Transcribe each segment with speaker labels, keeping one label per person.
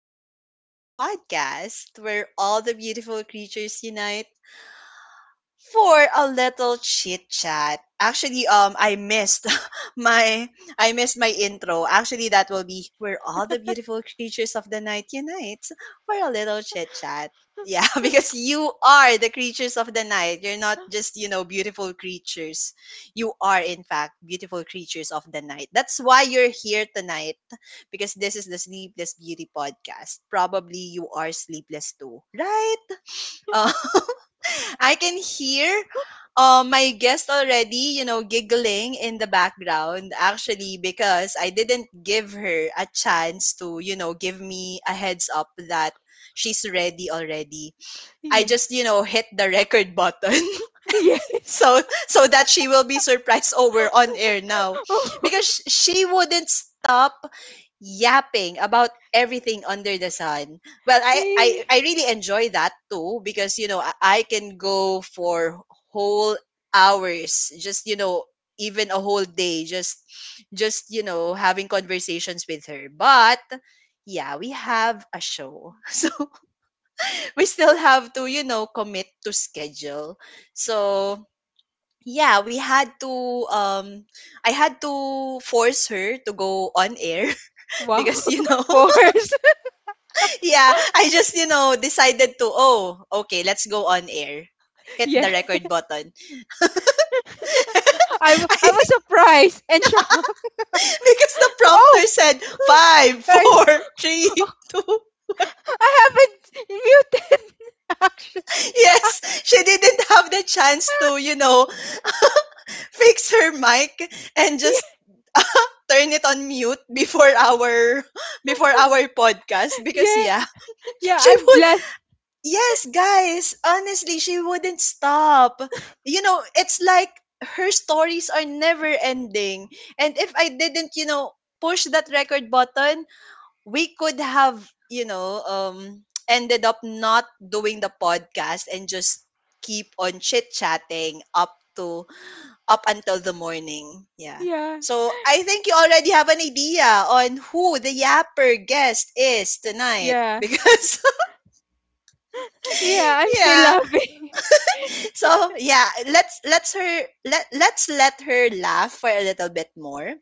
Speaker 1: Sleepless Beauty podcast, where all the beautiful creatures unite for a little chit chat. Actually, I missed my I missed my intro. Actually, that will be where all the beautiful creatures of the night unite for a little chit chat. Yeah, because you are the creatures of the night. You're not just, beautiful creatures. You are, in fact, beautiful creatures of the night. That's why you're here tonight because this is the Sleepless Beauty podcast. Probably you are sleepless too, right? Uh, I can hear my guest already, giggling in the background actually because I didn't give her a chance to, give me a heads up that she's ready already. I
Speaker 2: Yeah.
Speaker 1: just, hit the record button
Speaker 2: Yes.
Speaker 1: so so that she will be surprised. Oh, we're on air now
Speaker 2: Oh,
Speaker 1: because she wouldn't stop yapping about everything under the sun. Well, i i,
Speaker 2: hey.
Speaker 1: I really enjoy that too because I can go for whole hours, just even a whole day, just having conversations with her. But yeah, we have a show. So we still have to, commit to schedule. So yeah, we had to um I had to force her to go on air.
Speaker 2: Wow.
Speaker 1: Because
Speaker 2: Pores.
Speaker 1: yeah, I just decided to, oh, okay, let's go on air. Hit the
Speaker 2: Yeah.
Speaker 1: record button.
Speaker 2: I was surprised and shocked.
Speaker 1: Because the
Speaker 2: Oh,
Speaker 1: prompter said five,
Speaker 2: I'm,
Speaker 1: four, three, two.
Speaker 2: I haven't muted. Actually,
Speaker 1: Yes, she didn't have the chance to, fix her mic and
Speaker 2: yeah,
Speaker 1: just turn it on mute before our before our podcast, because
Speaker 2: yeah,
Speaker 1: yeah,
Speaker 2: yeah.
Speaker 1: she
Speaker 2: I'm
Speaker 1: would.
Speaker 2: glad.
Speaker 1: Yes, guys, honestly, she wouldn't stop. It's like her stories are never ending. And if I didn't, push that record button, we could have, ended up not doing the podcast and just keep on chit-chatting up until the morning. Yeah.
Speaker 2: Yeah,
Speaker 1: So, I think you already have an idea on who the yapper guest is tonight,
Speaker 2: yeah,
Speaker 1: because
Speaker 2: yeah. I'm still
Speaker 1: yeah,
Speaker 2: laughing.
Speaker 1: so yeah, let's let her laugh for a little bit more.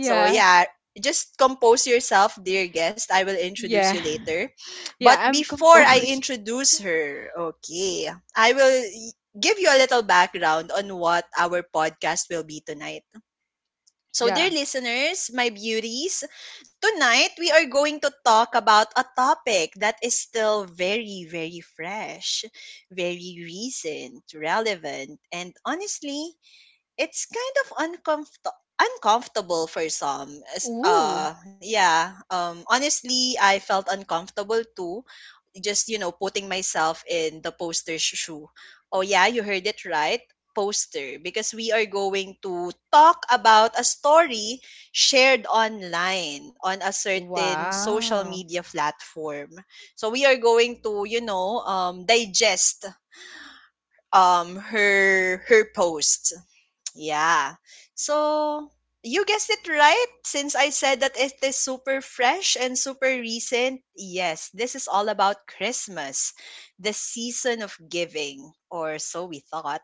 Speaker 1: So yeah, just compose yourself, dear guest, I will introduce you
Speaker 2: yeah,
Speaker 1: later. But
Speaker 2: yeah. I'm
Speaker 1: before I
Speaker 2: composed.
Speaker 1: introduce her, okay, I will give you a little background on what our podcast will be tonight. So, dear
Speaker 2: Yeah.
Speaker 1: listeners, my beauties, tonight we are going to talk about a topic that is still very, very fresh, very recent, relevant, and honestly, it's kind of uncomfortable. Uncomfortable for some.
Speaker 2: Ooh.
Speaker 1: Yeah. Honestly, I felt uncomfortable too, just putting myself in the poster's shoe. Oh yeah, you heard it right, poster, because we are going to talk about a story shared online on a certain social
Speaker 2: Wow.
Speaker 1: media platform. So we are going to, digest her post. Yeah. So you guessed it right. Since I said that it is super fresh and super recent, yes, this is all about Christmas, the season of giving, or so we thought.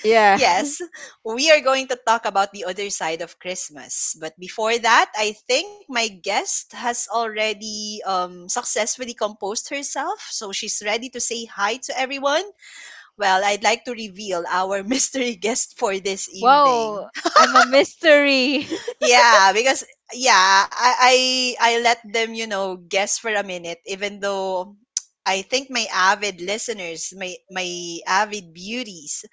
Speaker 2: Yeah.
Speaker 1: Yes, we are going to talk about the other side of Christmas. But before that, I think my guest has already, successfully composed herself. So she's ready to say hi to everyone. Well, I'd like to reveal our mystery guest for this
Speaker 2: Wow.
Speaker 1: evening.
Speaker 2: I'm a mystery.
Speaker 1: Yeah, because yeah, I let them, guess for a minute, even though I think my avid listeners, my avid beauties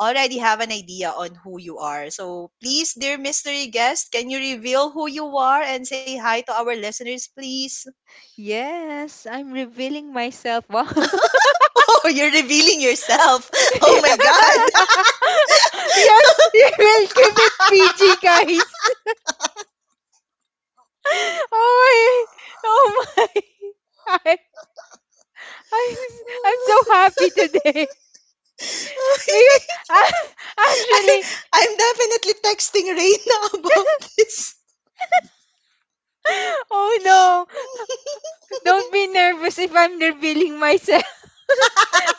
Speaker 1: already have an idea on who you are. So please, dear mystery guest, can you reveal who you are and say hi to our listeners, please?
Speaker 2: Yes, I'm revealing myself. Wow.
Speaker 1: Oh, you're revealing yourself. Oh
Speaker 2: Yeah.
Speaker 1: my god.
Speaker 2: Yes, you will keep it PG, guys. Oh oh my. I, I, I'm so happy today, because
Speaker 1: I,
Speaker 2: actually,
Speaker 1: I'm definitely texting Reina about this.
Speaker 2: oh no, don't be nervous if I'm revealing myself.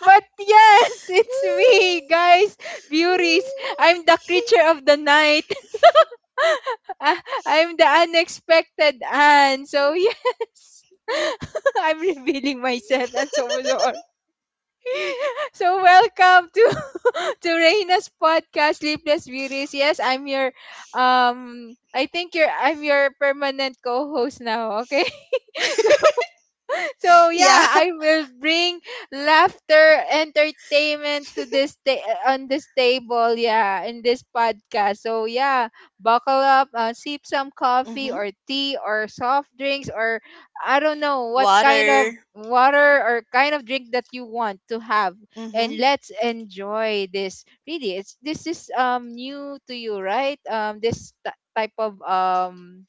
Speaker 2: But yes, it's me, guys, beauties. I'm the creature of the night. I'm the unexpected Anne. So yes, I'm revealing myself, and so sorry. So welcome to to Reina's podcast, Sleepless Beauties. Yes, I'm your I think you're I'm your permanent co-host now. Okay. So yeah,
Speaker 1: Yeah.
Speaker 2: I will bring laughter, entertainment to on this table, yeah, in this podcast. So yeah, buckle up, sip some coffee
Speaker 1: Mm-hmm.
Speaker 2: or tea or soft drinks, or I don't know what kind of
Speaker 1: Water.
Speaker 2: water or kind of drink that you want to have, and
Speaker 1: Mm-hmm.
Speaker 2: let's enjoy this. Really, it's this is new to you, right? This type of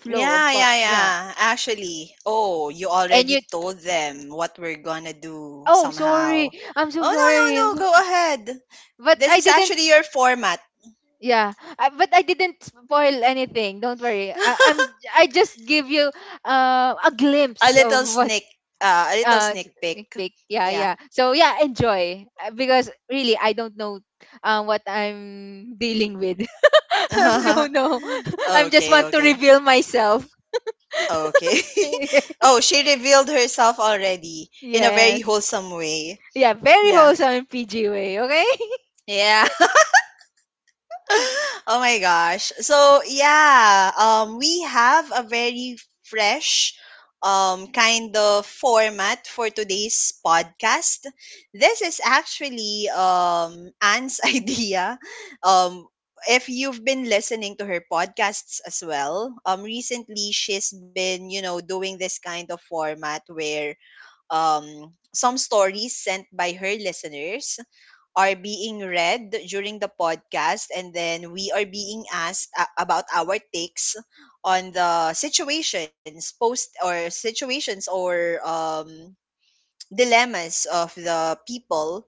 Speaker 2: flow of
Speaker 1: Yeah, yeah,
Speaker 2: yeah.
Speaker 1: yeah. Actually, oh, you
Speaker 2: And
Speaker 1: already
Speaker 2: you—
Speaker 1: told them what we're gonna do
Speaker 2: oh, sorry.
Speaker 1: somehow.
Speaker 2: I'm so
Speaker 1: Oh, no, no,
Speaker 2: sorry.
Speaker 1: no. Go ahead.
Speaker 2: But
Speaker 1: This
Speaker 2: I
Speaker 1: is
Speaker 2: didn't.
Speaker 1: actually your format.
Speaker 2: Yeah, I— but I didn't spoil anything. Don't worry. I'm— I just give you a
Speaker 1: a
Speaker 2: glimpse of
Speaker 1: little
Speaker 2: what—
Speaker 1: sneak, uh, a little
Speaker 2: uh
Speaker 1: sneak
Speaker 2: sneak
Speaker 1: peek.
Speaker 2: peek. Yeah,
Speaker 1: Yeah.
Speaker 2: yeah. So yeah, enjoy. Because really I don't know what I'm dealing with. So no, I just
Speaker 1: Okay,
Speaker 2: want to
Speaker 1: okay.
Speaker 2: reveal myself.
Speaker 1: Okay. Oh, she revealed herself already in a very
Speaker 2: Yes.
Speaker 1: wholesome way.
Speaker 2: Yeah, very
Speaker 1: Yeah.
Speaker 2: wholesome in PG way. Okay.
Speaker 1: Yeah. Oh my gosh. So, yeah, we have a very fresh kind of format for today's podcast. This is actually Anne's idea. Um if you've been listening to her podcasts as well, recently she's been, doing this kind of format where some stories sent by her listeners are being read during the podcast, and then we are being asked about our takes on the situations, post or situations or dilemmas of the people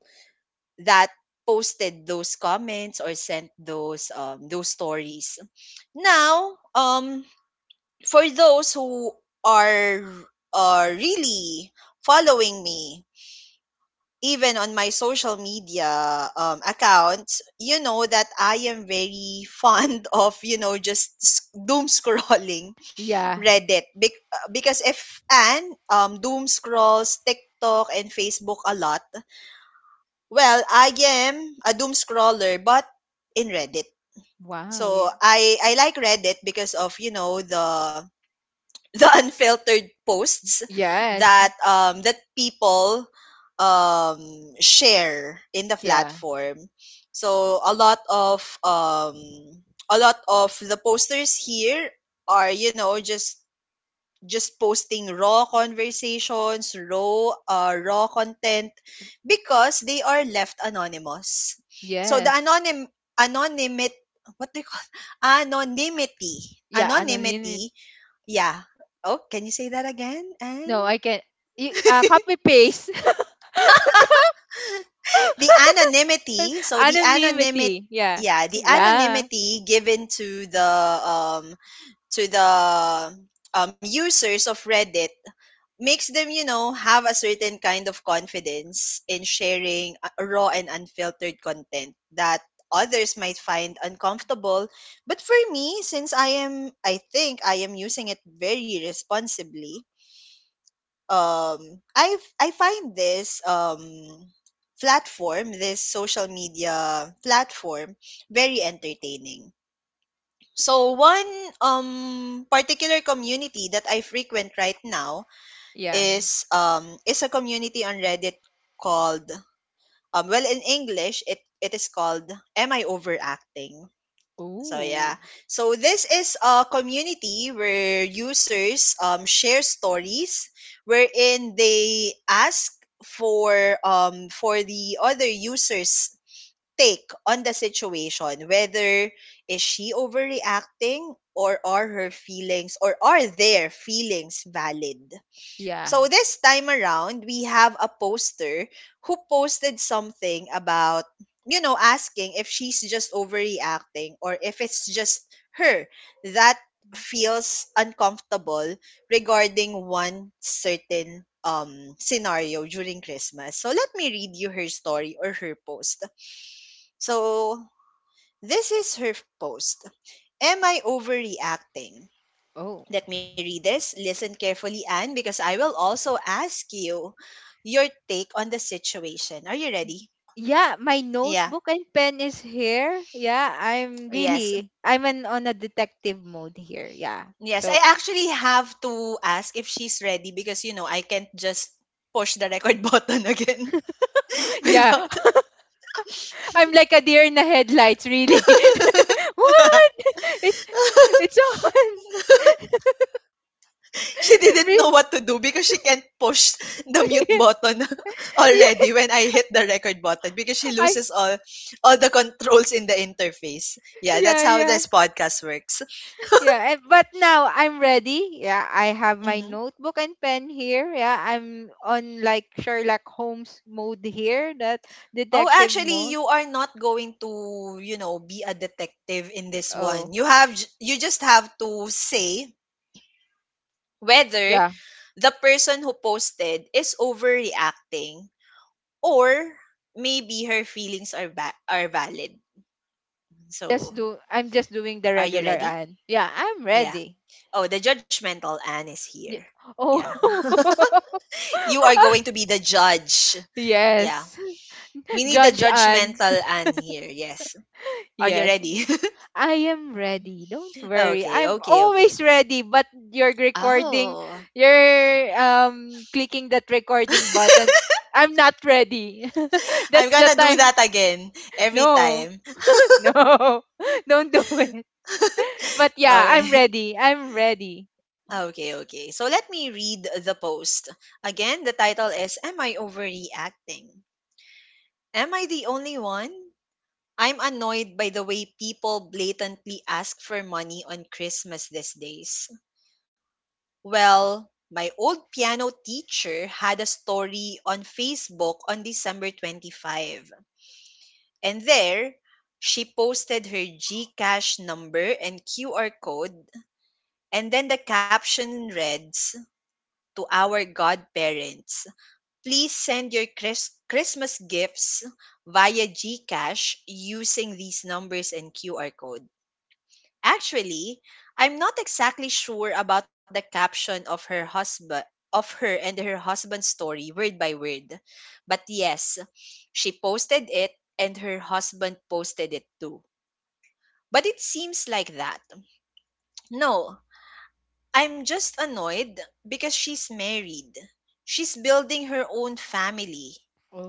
Speaker 1: that posted those comments or sent those stories. Now, for those who are are really following me, even on my social media, accounts, you know that I am very fond of, just doom scrolling
Speaker 2: Yeah.
Speaker 1: Reddit. Because if Anne doom scrolls TikTok and Facebook a lot, well, I am a doom scroller, but in Reddit.
Speaker 2: Wow.
Speaker 1: So
Speaker 2: Yeah.
Speaker 1: I like Reddit because of, the unfiltered posts
Speaker 2: Yes.
Speaker 1: that that people share in the
Speaker 2: Yeah.
Speaker 1: platform. So a lot of the posters here are just posting raw conversations, raw content, because they are left anonymous. So the
Speaker 2: Yes.
Speaker 1: anonymity, what they call anonymity
Speaker 2: Yeah, anonymity.
Speaker 1: anonymity yeah. Oh, can you say that again? And
Speaker 2: No, I can— you, copy paste.
Speaker 1: the anonymity. So the anonymity.
Speaker 2: Anonymity. Yeah.
Speaker 1: Yeah, the
Speaker 2: Yeah.
Speaker 1: anonymity given to the um to the users of Reddit makes them, have a certain kind of confidence in sharing, raw and unfiltered content that others might find uncomfortable. But for me, since I think I am using it very responsibly, I find this platform, this social media platform, very entertaining. So one um particular community that I frequent right now
Speaker 2: Yeah.
Speaker 1: is a community on Reddit called well, in English it is called Am I Overacting? So
Speaker 2: Oh.
Speaker 1: yeah. So this is a community where users share stories wherein they ask for the other users take on the situation, whether is she overreacting, or are their feelings valid.
Speaker 2: Yeah.
Speaker 1: So this time around, we have a poster who posted something about, asking if she's just overreacting or if it's just her that feels uncomfortable regarding one certain scenario during Christmas. So let me read you her story or her post. So this is her post. Am I overreacting?
Speaker 2: Oh.
Speaker 1: Let me read this. Listen carefully, Anne, because I will also ask you your take on the situation. Are you ready?
Speaker 2: Yeah, my
Speaker 1: Yeah.
Speaker 2: notebook and pen is here. Yeah, I'm
Speaker 1: Yes.
Speaker 2: really— on a detective mode here. Yeah.
Speaker 1: Yes. I
Speaker 2: So
Speaker 1: actually have to ask if she's ready because, I can't just push the record button again
Speaker 2: yeah,
Speaker 1: without.
Speaker 2: I'm like a deer in the headlights, really. What? It's— it's on.
Speaker 1: She didn't know what
Speaker 2: Re—
Speaker 1: to do because she can't push the mute button already
Speaker 2: yes,
Speaker 1: when I hit the record button because she
Speaker 2: I—
Speaker 1: loses all the controls in the interface. Yeah, that's
Speaker 2: yeah,
Speaker 1: how
Speaker 2: yeah.
Speaker 1: this podcast works.
Speaker 2: Yeah, and but now I'm ready. Yeah, I have my
Speaker 1: hmm
Speaker 2: notebook and pen here. Yeah, I'm on like Sherlock Holmes mode here, that
Speaker 1: Oh,
Speaker 2: detective
Speaker 1: actually,
Speaker 2: mode.
Speaker 1: you are not going to, be a detective in this
Speaker 2: Oh,
Speaker 1: one. You just have to say whether
Speaker 2: yeah.
Speaker 1: the person who posted is overreacting or maybe her feelings are are valid.
Speaker 2: Just
Speaker 1: So,
Speaker 2: do— I'm just doing the
Speaker 1: are you
Speaker 2: regular,
Speaker 1: ready?
Speaker 2: and yeah, I'm
Speaker 1: Yeah.
Speaker 2: ready.
Speaker 1: Oh, the judgmental Anne is here.
Speaker 2: Yeah.
Speaker 1: Yeah.
Speaker 2: Oh.
Speaker 1: You are going to be the judge. Yeah.
Speaker 2: Yes.
Speaker 1: We need the
Speaker 2: Judge Anne.
Speaker 1: judgmental Anne here. Yes. Are you
Speaker 2: Yes.
Speaker 1: ready?
Speaker 2: I am ready. Don't worry.
Speaker 1: Okay,
Speaker 2: I'm
Speaker 1: okay,
Speaker 2: always
Speaker 1: okay.
Speaker 2: ready, but you're recording,
Speaker 1: Oh.
Speaker 2: you're clicking that recording button. I'm not ready.
Speaker 1: I'm
Speaker 2: That's the
Speaker 1: gonna do
Speaker 2: time.
Speaker 1: that again every
Speaker 2: No.
Speaker 1: time.
Speaker 2: No. Don't do it. But yeah,
Speaker 1: Okay.
Speaker 2: I'm ready.
Speaker 1: Okay, okay. So let me read the post. Again, the title is Am I Overreacting? Am I the only one? I'm annoyed by the way people blatantly ask for money on Christmas these days. Well, my old piano teacher had a story on Facebook on December 25. And there, she posted her GCash number and QR code. And then the caption reads, to our godparents, please send your Christmas gifts via GCash using these numbers and QR code. Actually, I'm not exactly sure about the caption of her husband of her and her husband's story word by word. But yes, she posted it, and her husband posted it too. But it seems like that. No, I'm just annoyed because she's married. She's building her own family.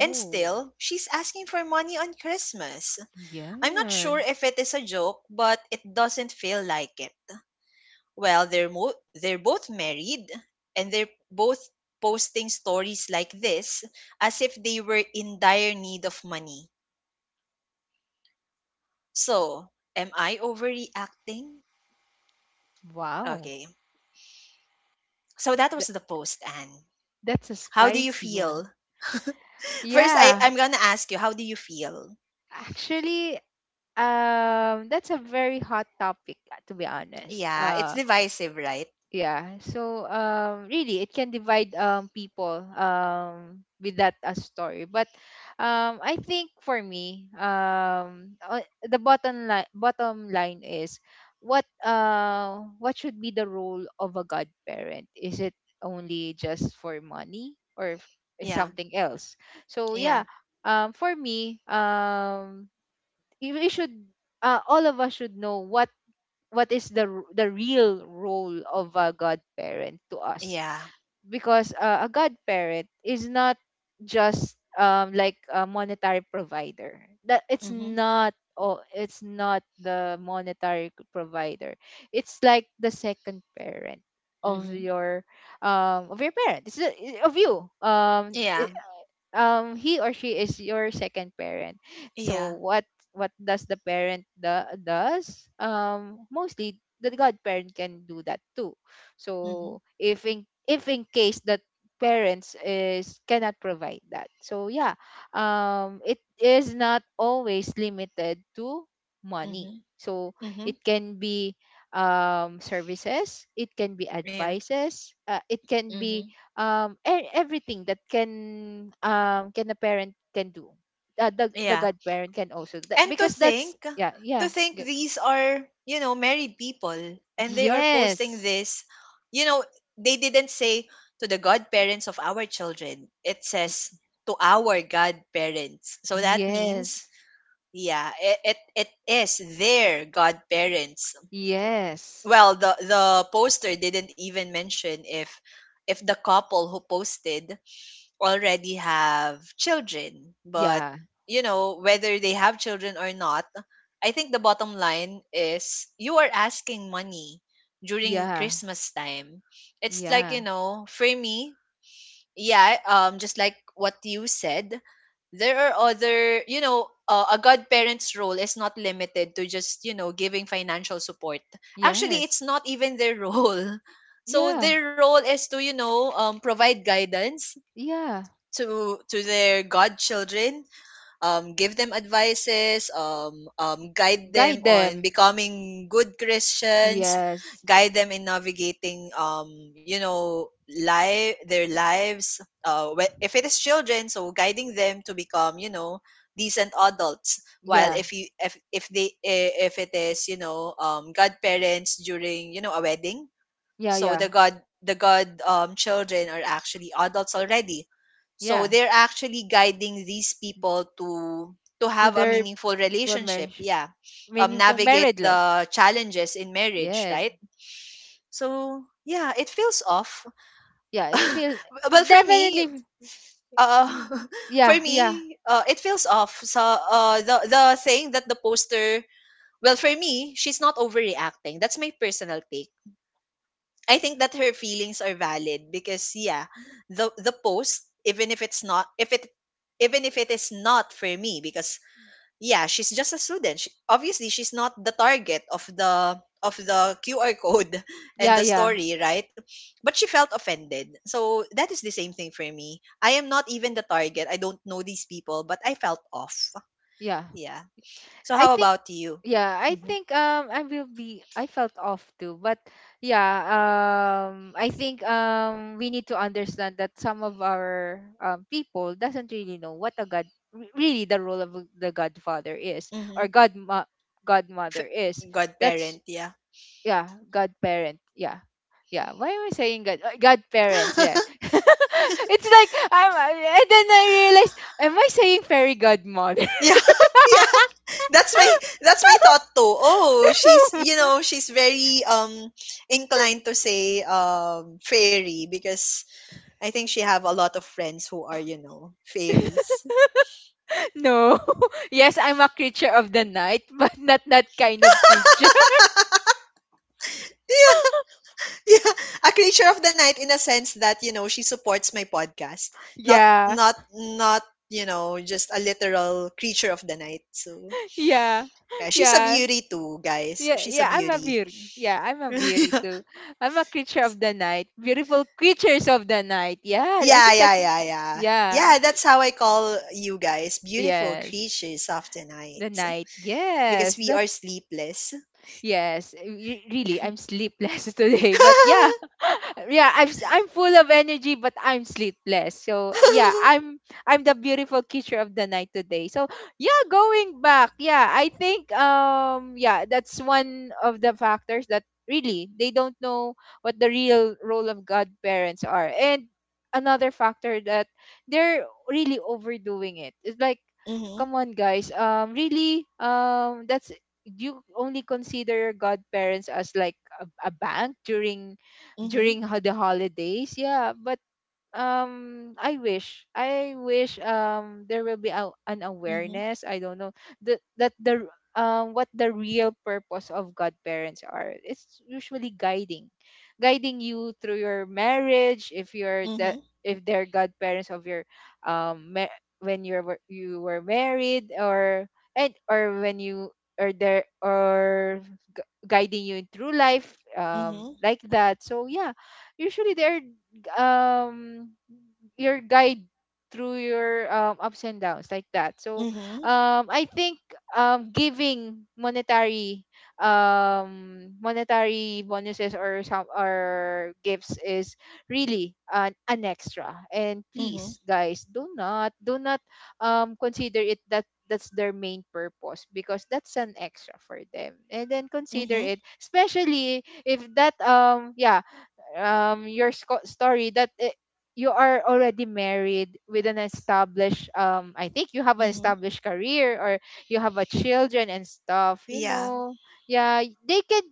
Speaker 1: And still, she's asking for money on Christmas. I'm not
Speaker 2: Yeah.
Speaker 1: sure if it is a joke, but it doesn't feel like it. Well, they're they're both married and they're both posting stories like this as if they were in dire need of money. So, am I overreacting?
Speaker 2: Wow.
Speaker 1: Okay. So that was
Speaker 2: Th-
Speaker 1: the post, Anne.
Speaker 2: that's a
Speaker 1: How do you
Speaker 2: spicy one.
Speaker 1: feel? First,
Speaker 2: Yeah.
Speaker 1: I'm gonna ask you, how do you feel?
Speaker 2: Actually, that's a very hot topic, to be honest.
Speaker 1: Yeah, it's divisive, right?
Speaker 2: Yeah, so really it can divide people with that, story. But I think for me, the bottom line is, what— what should be the role of a godparent? Is it only just for money, or is
Speaker 1: Yeah,
Speaker 2: something else? So
Speaker 1: yeah,
Speaker 2: yeah, for me, you— we should, all of us should know what— what is the the real role of a godparent to us.
Speaker 1: yeah.
Speaker 2: Because a godparent is not just like a monetary provider. That— it's
Speaker 1: Mhm,
Speaker 2: not— oh, it's not the monetary provider. It's like the second parent of
Speaker 1: mhm.
Speaker 2: your of your parent. Of you,
Speaker 1: Yeah,
Speaker 2: he or she is your second parent.
Speaker 1: yeah.
Speaker 2: So what— what does the parent do— does mostly the godparent can do that too.
Speaker 1: Mhm,
Speaker 2: So if in— if in case that parents is cannot provide that, so yeah, it is not always limited to money.
Speaker 1: mhm,
Speaker 2: So
Speaker 1: mhm.
Speaker 2: it can be services, it can be
Speaker 1: Yeah,
Speaker 2: advices, it can
Speaker 1: mhm.
Speaker 2: be everything that can— can a parent can do, the— the
Speaker 1: Yeah.
Speaker 2: godparent can also do that.
Speaker 1: And
Speaker 2: Because that's— yeah
Speaker 1: to
Speaker 2: yeah
Speaker 1: think
Speaker 2: g-
Speaker 1: these are, married people and they are posting
Speaker 2: yes.
Speaker 1: this. You know, they didn't say to the godparents of our children. It
Speaker 2: y-
Speaker 1: says to our godparents. So that means,
Speaker 2: yes.
Speaker 1: yeah, it is their godparents.
Speaker 2: Yes.
Speaker 1: Well, the poster didn't even mention if the couple who posted already have children. But,
Speaker 2: Yeah.
Speaker 1: you know, whether they have children or not, I think the bottom line is you are asking money during
Speaker 2: Yeah.
Speaker 1: Christmas time. It's like, you
Speaker 2: Yeah.
Speaker 1: know, for me, yeah, just like what you said, there are other, you know, a godparent's role is not limited to just, you know, giving financial support. Actually,
Speaker 2: Yes.
Speaker 1: it's not even their role. So
Speaker 2: Yeah.
Speaker 1: their role is to, you know, provide guidance
Speaker 2: Yeah.
Speaker 1: to their godchildren, give them advices, guide them
Speaker 2: Guide
Speaker 1: on
Speaker 2: them.
Speaker 1: becoming good Christians,
Speaker 2: Yes.
Speaker 1: guide them in navigating, you know, life, their lives. If it is children, so guiding them to become, you know, decent adults, while
Speaker 2: Yeah.
Speaker 1: if you if they if it is, you know, godparents during, you know, a wedding,
Speaker 2: Yeah.
Speaker 1: so
Speaker 2: Yeah.
Speaker 1: the god children are actually adults already. So
Speaker 2: Yeah.
Speaker 1: they're actually guiding these people to
Speaker 2: To
Speaker 1: have a
Speaker 2: their—
Speaker 1: meaningful
Speaker 2: well,
Speaker 1: relationship,
Speaker 2: marriage,
Speaker 1: yeah.
Speaker 2: meaningful
Speaker 1: Navigate
Speaker 2: married life.
Speaker 1: the challenges in marriage,
Speaker 2: Yeah.
Speaker 1: right? So, yeah, it feels off.
Speaker 2: Yeah, it's feel—
Speaker 1: Well, for me,
Speaker 2: definitely.
Speaker 1: uh for
Speaker 2: Yeah. Yeah.
Speaker 1: me, it feels off. So, the thing that the poster, well, for me, she's not overreacting. That's my personal take. I think that her feelings are valid because yeah, the post even if it's not, if it even if it is not for me. Because yeah, she's just a student. She, obviously, she's not the target of the QR code and
Speaker 2: Yeah,
Speaker 1: the
Speaker 2: yeah,
Speaker 1: story, right? But she felt offended. So that is the same thing for me. I am not even the target. I don't know these people, but I felt off.
Speaker 2: yeah.
Speaker 1: Yeah. So
Speaker 2: I
Speaker 1: how
Speaker 2: think—
Speaker 1: about you?
Speaker 2: yeah, I
Speaker 1: Mm-hmm.
Speaker 2: think I will be— I felt off too. But yeah, I think we need to understand that some of our people doesn't really know what a god— really the role of the godfather is,
Speaker 1: Mm-hmm.
Speaker 2: or god— godmother is.
Speaker 1: F-
Speaker 2: That's—
Speaker 1: Godparent, yeah.
Speaker 2: yeah, godparent. Yeah. Yeah, why am I saying god— godparents? Yeah. It's like I'm— and then I realized, am I saying fairy godmother?
Speaker 1: Yeah. that's my that's my thought too. Oh, she's, you know, she's very inclined to say fairy because I think she have a lot of friends who are, you know, fairies.
Speaker 2: No. Yes, I'm a creature of the night, but not that kind of creature.
Speaker 1: Yeah, yeah, a creature of the night in a sense that, you know, she supports my podcast, not
Speaker 2: Yeah.
Speaker 1: not not you know, just a literal creature of the night. So
Speaker 2: Yeah.
Speaker 1: yeah, she's a
Speaker 2: Yeah.
Speaker 1: beauty too, guys. She's a
Speaker 2: Yeah, I'm a
Speaker 1: beauty.
Speaker 2: beauty. Yeah, I'm a beauty too. I'm a creature of the night. Beautiful creatures of the night. Yeah, I
Speaker 1: Yeah,
Speaker 2: think
Speaker 1: yeah,
Speaker 2: that's—
Speaker 1: yeah, yeah.
Speaker 2: yeah.
Speaker 1: Yeah, that's how I call you guys, beautiful
Speaker 2: Yes.
Speaker 1: creatures of the night,
Speaker 2: The night.
Speaker 1: because
Speaker 2: Yes.
Speaker 1: we are
Speaker 2: That's—
Speaker 1: sleepless.
Speaker 2: yes, eh, really, I'm sleepless today. But yeah, yeah, I'm full of energy, but I'm sleepless. So yeah, I'm— I'm the beautiful creature of the night today. So yeah, going back, yeah, I think yeah, that's one of the factors that really they don't know what the real role of godparents are. And another factor that they're really overdoing it. It's like,
Speaker 1: Mm-hmm,
Speaker 2: come on, guys, really, that's— do you only consider your godparents as like a bank during—
Speaker 1: mm-hmm,
Speaker 2: during the holidays? Yeah, but i wish there will be an
Speaker 1: mm-hmm,
Speaker 2: awareness. I don't know the— that the what the real purpose of godparents are. It's usually guiding— guiding you through your marriage, if you're
Speaker 1: mm-hmm,
Speaker 2: the— if they're godparents of your um ma- when you were— you were married, or— and or when you— or there or guiding you in through life,
Speaker 1: mm-hmm,
Speaker 2: like that. So yeah, usually they're um your guide through your, ups and downs, like that. So
Speaker 1: mm-hmm,
Speaker 2: I think giving monetary monetary bonuses or some or gifts is really an extra. And
Speaker 1: mm-hmm,
Speaker 2: please guys, do not consider it that— that's their main purpose. Because that's an extra for them. And then consider
Speaker 1: mm-hmm,
Speaker 2: it, especially if that yeah, your story that, eh, you are already married with an established, I think you have an
Speaker 1: mm-hmm.
Speaker 2: established career, or you have a children and stuff, you
Speaker 1: Yeah.
Speaker 2: know. Yeah, they can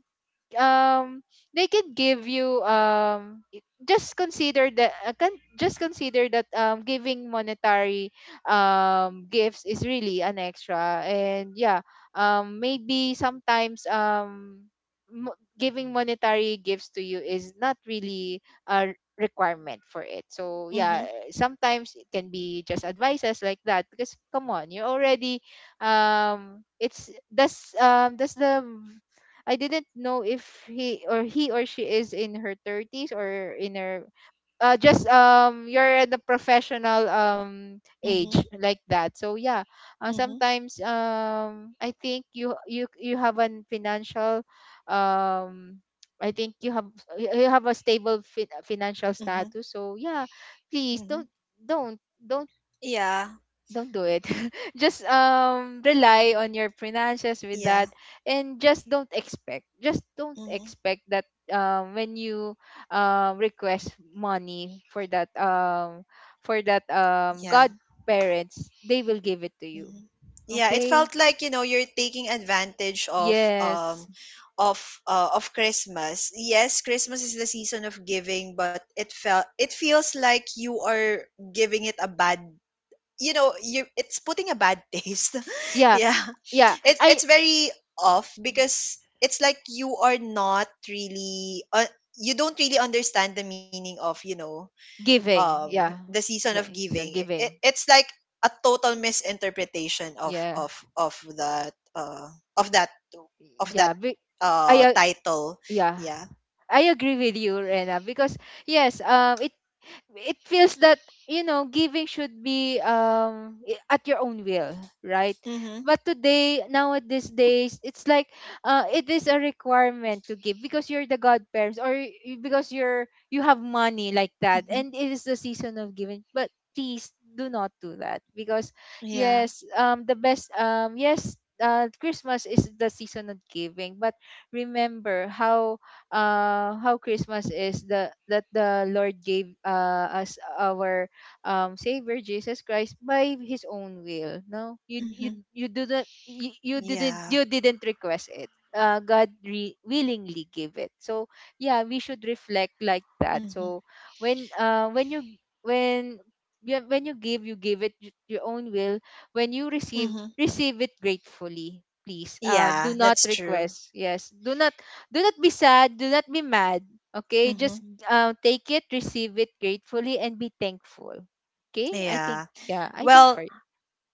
Speaker 2: um they could give you, just consider that, just consider that giving monetary gifts is really an extra. And yeah, maybe sometimes giving monetary gifts to you is not really a requirement for it. So yeah,
Speaker 1: Mm-hmm,
Speaker 2: sometimes it can be just advices, like that. Because come on, you already it's— does the— I didn't know if he or— he or she is in her 30s, or in her— just you're at the professional age,
Speaker 1: mm-hmm,
Speaker 2: like that. So yeah,
Speaker 1: mm-hmm,
Speaker 2: sometimes I think you have an financial um I think you have— you have a stable financial
Speaker 1: mm-hmm,
Speaker 2: status. So yeah, please
Speaker 1: mm-hmm.
Speaker 2: don't
Speaker 1: Yeah,
Speaker 2: don't do it. Just rely on your finances with
Speaker 1: yeah,
Speaker 2: that. And just don't expect. Just don't
Speaker 1: mm-hmm,
Speaker 2: expect that when you request money for that, for that
Speaker 1: yeah.
Speaker 2: godparents, they will give it to you.
Speaker 1: Mhm. Yeah, it
Speaker 2: Okay?
Speaker 1: felt like, you know, you're taking advantage of
Speaker 2: Yes.
Speaker 1: of Christmas. Yes, Christmas is the season of giving, but it felt, it feels like you are giving it a bad, you know, you it's putting a bad taste.
Speaker 2: Yeah.
Speaker 1: Yeah,
Speaker 2: Yeah.
Speaker 1: it
Speaker 2: I—
Speaker 1: it's very off because it's like you are not really, you don't really understand the meaning of, you know,
Speaker 2: giving. Yeah.
Speaker 1: the season of
Speaker 2: Like,
Speaker 1: giving.
Speaker 2: so
Speaker 1: it,
Speaker 2: giving.
Speaker 1: it's like a total misinterpretation of
Speaker 2: Yeah.
Speaker 1: that, of that of that
Speaker 2: Yeah. Be— I—
Speaker 1: title.
Speaker 2: yeah.
Speaker 1: Yeah.
Speaker 2: I agree with you, Rena, because yes, it— it feels that, you know, giving should be, at your own will, right?
Speaker 1: Mhm.
Speaker 2: But today, now at these days, it's like, it is a requirement to give because you're the godparents, or because you're— you have money, like that,
Speaker 1: Mhm.
Speaker 2: and it is the season of giving. But please do not do that, because
Speaker 1: Yeah.
Speaker 2: yes, the best, yes, Christmas is the season of giving. But remember how— how Christmas is the— that the Lord gave us our, savior Jesus Christ by his own will. No, you you
Speaker 1: Mhm.
Speaker 2: you didn't— you didn't—
Speaker 1: Yeah.
Speaker 2: you didn't request it. God willingly gave it. So yeah, we should reflect, like that.
Speaker 1: Mhm.
Speaker 2: So when— you— when— yeah, when you give, you give it your own will. When you receive—
Speaker 1: Mhm.
Speaker 2: receive it gratefully. Please, do
Speaker 1: Yeah,
Speaker 2: not
Speaker 1: that's true.
Speaker 2: request. Yes, do not be sad, do not be mad. Okay,
Speaker 1: Mhm.
Speaker 2: just, take it, receive it gratefully, and be thankful. Okay, I think—
Speaker 1: Yeah.
Speaker 2: yeah, I think
Speaker 1: Well,
Speaker 2: for—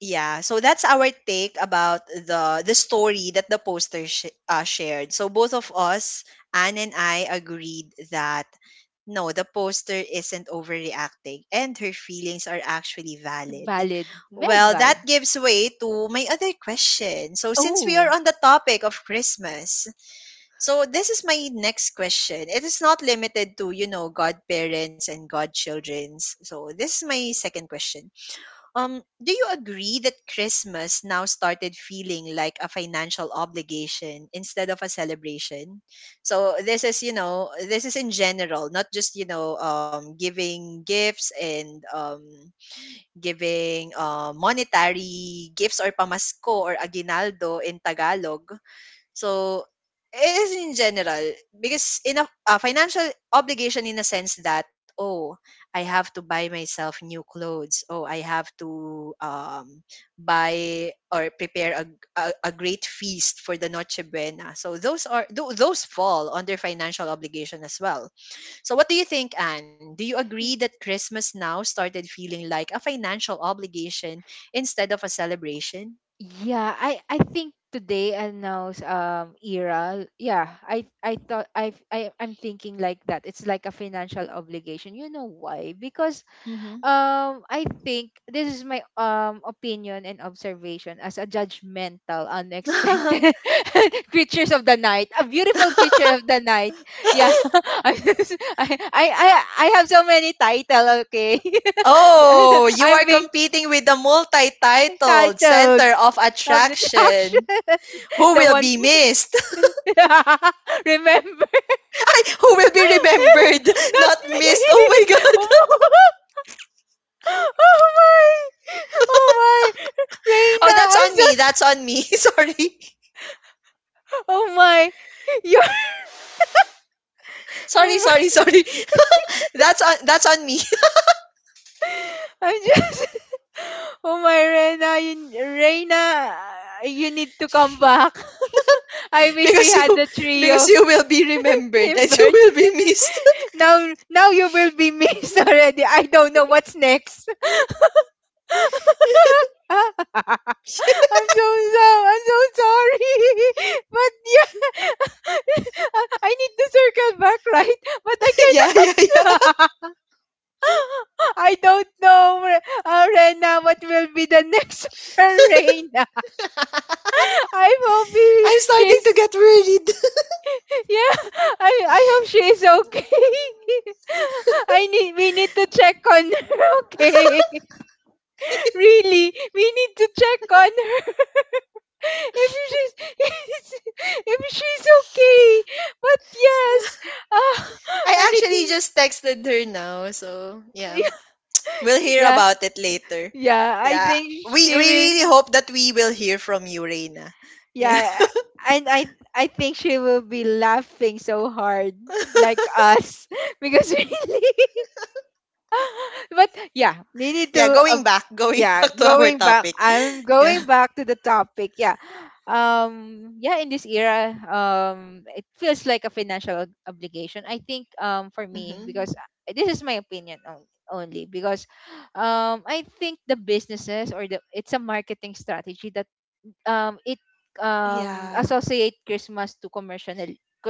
Speaker 1: yeah, so that's our take about the story that the poster shared. So both of us, Anne and I, agreed that no, the poster isn't overreacting, and her feelings are actually valid.
Speaker 2: valid, very
Speaker 1: Well,
Speaker 2: valid.
Speaker 1: that gives way to my other question. So since we are
Speaker 2: Oh,
Speaker 1: on the topic of Christmas, so this is my next question. It is not limited to, you know, godparents and godchildrens. So this is my second question. Do you agree that Christmas now started feeling like a financial obligation instead of a celebration? So this is, you know, this is in general, not just, you know, giving gifts and giving, monetary gifts or pamasko or aguinaldo in Tagalog. So, it is in general because in a financial obligation in a sense that, oh, I have to buy myself new clothes, oh, I have to, buy or prepare a great feast for the Noche Buena. So those are those fall under financial obligation as well. So what do you think, Anne, do you agree
Speaker 2: y-
Speaker 1: that Christmas now started feeling like a financial obligation instead of a celebration?
Speaker 2: yeah, I— I think today announced era. Yeah, I— I thought I I'm thinking like that. It's like a financial obligation. You know why? Because
Speaker 1: Hmm.
Speaker 2: I think this is my opinion and observation as a judgmental, unexpected creatures of the night, a beautiful creature of the night. Yeah, I'm just- I have so many title. Okay,
Speaker 1: Oh, you
Speaker 2: I'm
Speaker 1: are
Speaker 2: being
Speaker 1: competing with the multi-titled
Speaker 2: titled
Speaker 1: Center of
Speaker 2: of the attraction,
Speaker 1: Attraction. Who
Speaker 2: the
Speaker 1: will
Speaker 2: one.
Speaker 1: be missed?
Speaker 2: Remember,
Speaker 1: Ay, who will be remembered,
Speaker 2: not
Speaker 1: not
Speaker 2: me.
Speaker 1: missed? Oh my God.
Speaker 2: Oh my! Oh my!
Speaker 1: Oh,
Speaker 2: Reina,
Speaker 1: that's
Speaker 2: I
Speaker 1: on me.
Speaker 2: just.
Speaker 1: That's on me. Sorry.
Speaker 2: Oh my! You're.
Speaker 1: Sorry,
Speaker 2: Oh
Speaker 1: sorry,
Speaker 2: my!
Speaker 1: sorry. That's on me.
Speaker 2: I'm just. Oh my, Reina, you need to come back. I wish we
Speaker 1: Because
Speaker 2: had
Speaker 1: you
Speaker 2: the
Speaker 1: because
Speaker 2: trio
Speaker 1: you will be remembered
Speaker 2: in
Speaker 1: and you
Speaker 2: birth.
Speaker 1: will be missed.
Speaker 2: Now, now you will be missed already. I don't know what's next. I'm so sorry. I'm so sorry. But yeah, I need to circle back, right? But I
Speaker 1: Yeah,
Speaker 2: cannot.
Speaker 1: yeah, yeah.
Speaker 2: I don't know, Rena, what will be the next for Rena. I hope he,
Speaker 1: I'm starting to
Speaker 2: she's
Speaker 1: get worried.
Speaker 2: yeah. I hope she's okay. I need we need to check on her. Okay, really, we need to check on her. If she's if she's okay, but yes, uh,
Speaker 1: I
Speaker 2: and it
Speaker 1: actually just texted her now, so yeah. We'll hear
Speaker 2: yeah,
Speaker 1: about it later.
Speaker 2: yeah I
Speaker 1: Yeah.
Speaker 2: think
Speaker 1: We
Speaker 2: she
Speaker 1: we
Speaker 2: will.
Speaker 1: really hope that we will hear from you, Reina. Yeah.
Speaker 2: Yeah, and I think she will be laughing so hard like us, because really but yeah, we need
Speaker 1: Yeah,
Speaker 2: to.
Speaker 1: going back, going
Speaker 2: Yeah,
Speaker 1: back to our
Speaker 2: going back.
Speaker 1: topic.
Speaker 2: I'm
Speaker 1: Yeah.
Speaker 2: going back to the topic. Yeah, yeah. In this era, it feels like a financial obligation. I think, for me, because
Speaker 1: Hmm.
Speaker 2: this is my opinion only because, I think the businesses or the it's a marketing strategy that it
Speaker 1: Yeah.
Speaker 2: associate Christmas to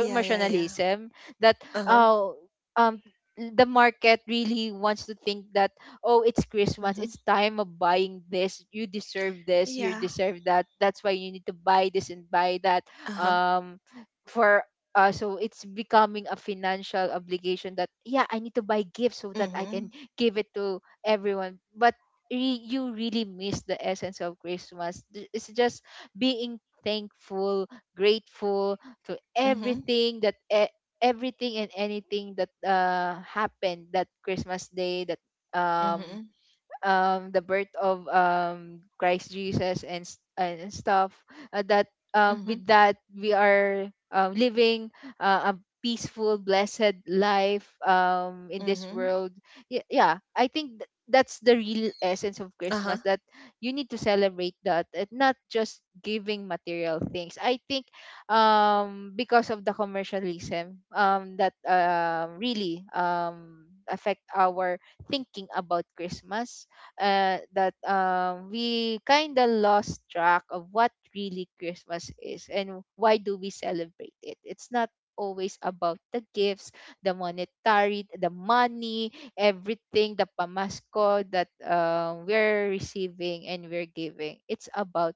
Speaker 1: Yeah, yeah, yeah.
Speaker 2: That
Speaker 1: Uh-huh.
Speaker 2: oh um the market really wants to think that, oh, it's Christmas,
Speaker 1: Mm-hmm.
Speaker 2: it's time of buying this, you deserve this, you
Speaker 1: Yeah.
Speaker 2: deserve that, that's why you need to buy this and buy that.
Speaker 1: Uh-huh.
Speaker 2: Um for So it's becoming a financial obligation that yeah, I need to buy gifts so that I
Speaker 1: Mm-hmm.
Speaker 2: can give it to everyone. But you really miss the essence of Christmas. It's just being thankful, grateful to
Speaker 1: Mm-hmm.
Speaker 2: everything that everything and anything that happened that Christmas day, that um
Speaker 1: Mm-hmm.
Speaker 2: the birth of Christ Jesus and and stuff, that
Speaker 1: Mm-hmm.
Speaker 2: with that we are, living a peaceful blessed life in this
Speaker 1: Mm-hmm.
Speaker 2: world. Yeah, I think that's the real essence of
Speaker 1: Uh-huh.
Speaker 2: christmas, that you need to celebrate that and not just giving material things. I think because of the commercialism, that really affect our thinking about Christmas, that we kind of lost track of what really Christmas is and why do we celebrate it. It's not always about the gifts, the monetary, the money, everything, the pamasko that, we're receiving and we're giving. It's about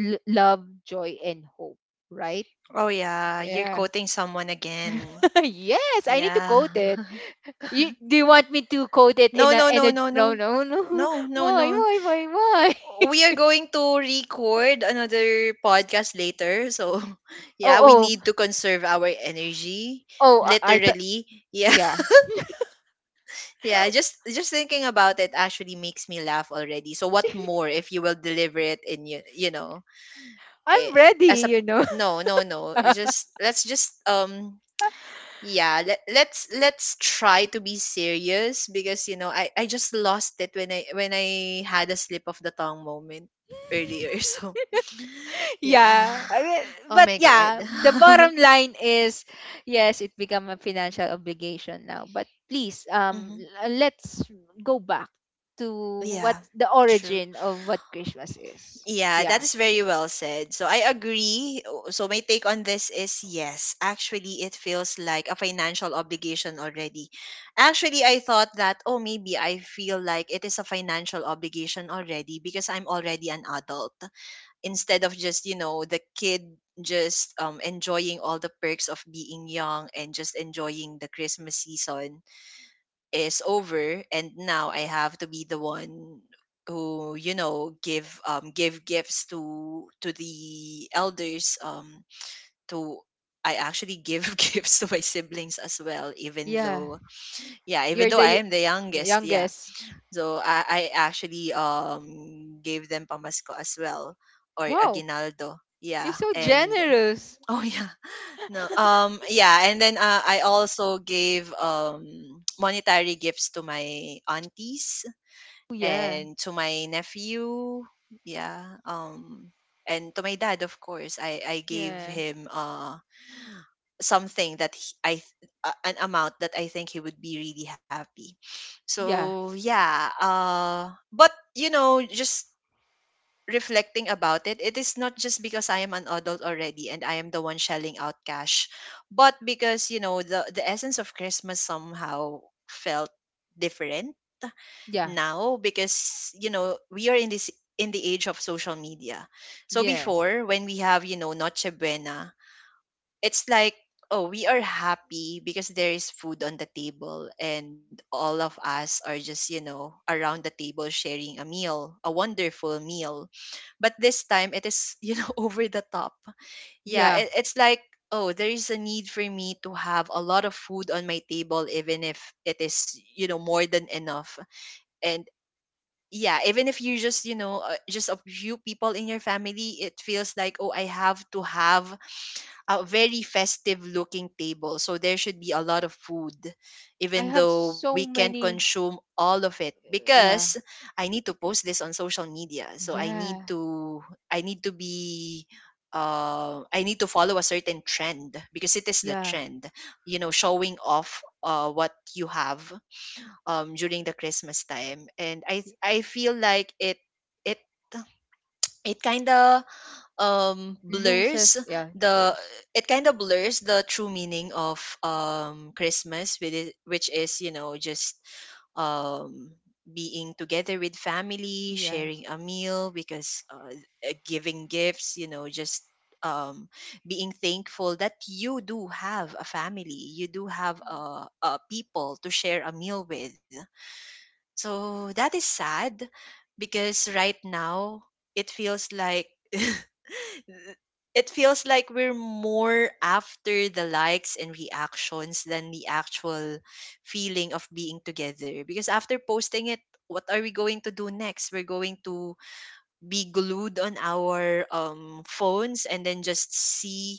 Speaker 2: love, joy, and hope, right?
Speaker 1: Oh yeah, you're
Speaker 2: Yeah.
Speaker 1: quoting someone again.
Speaker 2: Yes, I need to
Speaker 1: Yeah.
Speaker 2: quote it. You, do you want me to quote it
Speaker 1: No, no,
Speaker 2: in
Speaker 1: no,
Speaker 2: a
Speaker 1: no,
Speaker 2: no
Speaker 1: no.
Speaker 2: no no
Speaker 1: No, no, no.
Speaker 2: why why?
Speaker 1: We are going to record another podcast later. So, yeah, we
Speaker 2: Oh
Speaker 1: need
Speaker 2: oh
Speaker 1: to conserve our energy
Speaker 2: oh, I thought,
Speaker 1: literally. Yeah.
Speaker 2: yeah,
Speaker 1: Yeah, just thinking about it actually makes me laugh already. So what more if you will deliver it in you, you know, eh,
Speaker 2: I'm ready,
Speaker 1: as a,
Speaker 2: you know.
Speaker 1: no, no, no. Just let's just yeah, let's try to be serious because, you know, I just lost it when I had a slip of the tongue moment earlier. So yeah.
Speaker 2: Yeah, I mean,
Speaker 1: Oh
Speaker 2: but
Speaker 1: my god.
Speaker 2: yeah, the bottom line is, yes, it become a financial obligation now. But please,
Speaker 1: Hmm.
Speaker 2: let's go back to what
Speaker 1: Yeah,
Speaker 2: the
Speaker 1: true.
Speaker 2: origin of what Christmas is.
Speaker 1: Yeah,
Speaker 2: Yeah,
Speaker 1: that is very well said. So I agree. So my take on this is yes, actually, it feels like a financial obligation already. Actually, I thought that, oh, maybe I feel like it is a financial obligation already because I'm already an adult instead of just, you know, the kid just enjoying all the perks of being young and just enjoying the Christmas season is over, and now I have to be the one who, you know, give give gifts to the elders, to I actually give gifts to my siblings as well, even
Speaker 2: yeah,
Speaker 1: though yeah, even
Speaker 2: you're
Speaker 1: though
Speaker 2: the
Speaker 1: I am the youngest, yeah.
Speaker 2: youngest.
Speaker 1: So I actually gave them pamasko as well, or
Speaker 2: Wow,
Speaker 1: aguinaldo,
Speaker 2: you're
Speaker 1: yeah.
Speaker 2: so
Speaker 1: And
Speaker 2: generous.
Speaker 1: oh yeah, no. Yeah, and then I also gave monetary gifts to my aunties
Speaker 2: Oh, yeah,
Speaker 1: and to my nephew. Yeah. And to my dad, of course. I gave
Speaker 2: yeah,
Speaker 1: him something that he, an amount that I think he would be really happy.
Speaker 2: yeah,
Speaker 1: So, yeah. But you know, just reflecting about it, it is not just because I am an adult already and I am the one shelling out cash, but because, you know, the essence of Christmas somehow felt different
Speaker 2: yeah,
Speaker 1: now because, you know, we are in this, in the age of social media. So
Speaker 2: yes,
Speaker 1: before when we have, you know, Noche Buena, it's like, oh, we are happy because there is food on the table and all of us are just, you know, around the table sharing a meal, a wonderful meal. But this time it is you know over the top. Yeah,
Speaker 2: yeah.
Speaker 1: it's like, oh, there is a need for me to have a lot of food on my table even if it is, you know, more than enough. And yeah, even if you just, you know, just a few people in your family, it feels like, oh, I have to have a very festive looking table. So there should be a lot of food,
Speaker 2: I
Speaker 1: even
Speaker 2: have
Speaker 1: though we
Speaker 2: so
Speaker 1: can't
Speaker 2: many.
Speaker 1: consume all of it, because
Speaker 2: Yeah,
Speaker 1: I need to post this on social media. So I need
Speaker 2: yeah.
Speaker 1: to, I need to be, I need to follow a certain trend because it is the
Speaker 2: Yeah.
Speaker 1: trend, you know, showing off, what you have, during the Christmas time, and
Speaker 2: Y-
Speaker 1: I feel like it it it kind of blurs
Speaker 2: Loses. Yeah.
Speaker 1: the,
Speaker 2: There's.
Speaker 1: it kind of blurs the true meaning of Christmas with it, which is, you know, just um being together with family,
Speaker 2: Yeah.
Speaker 1: sharing a meal. Because giving gifts, you know, just um being thankful that you do have a family, you do have, people to share a meal with. So that is sad because right now it feels like it feels like we're more after the likes and reactions than the actual feeling of being together. Because after posting it, what are we going to do next? We're going to be glued on our, phones and then just see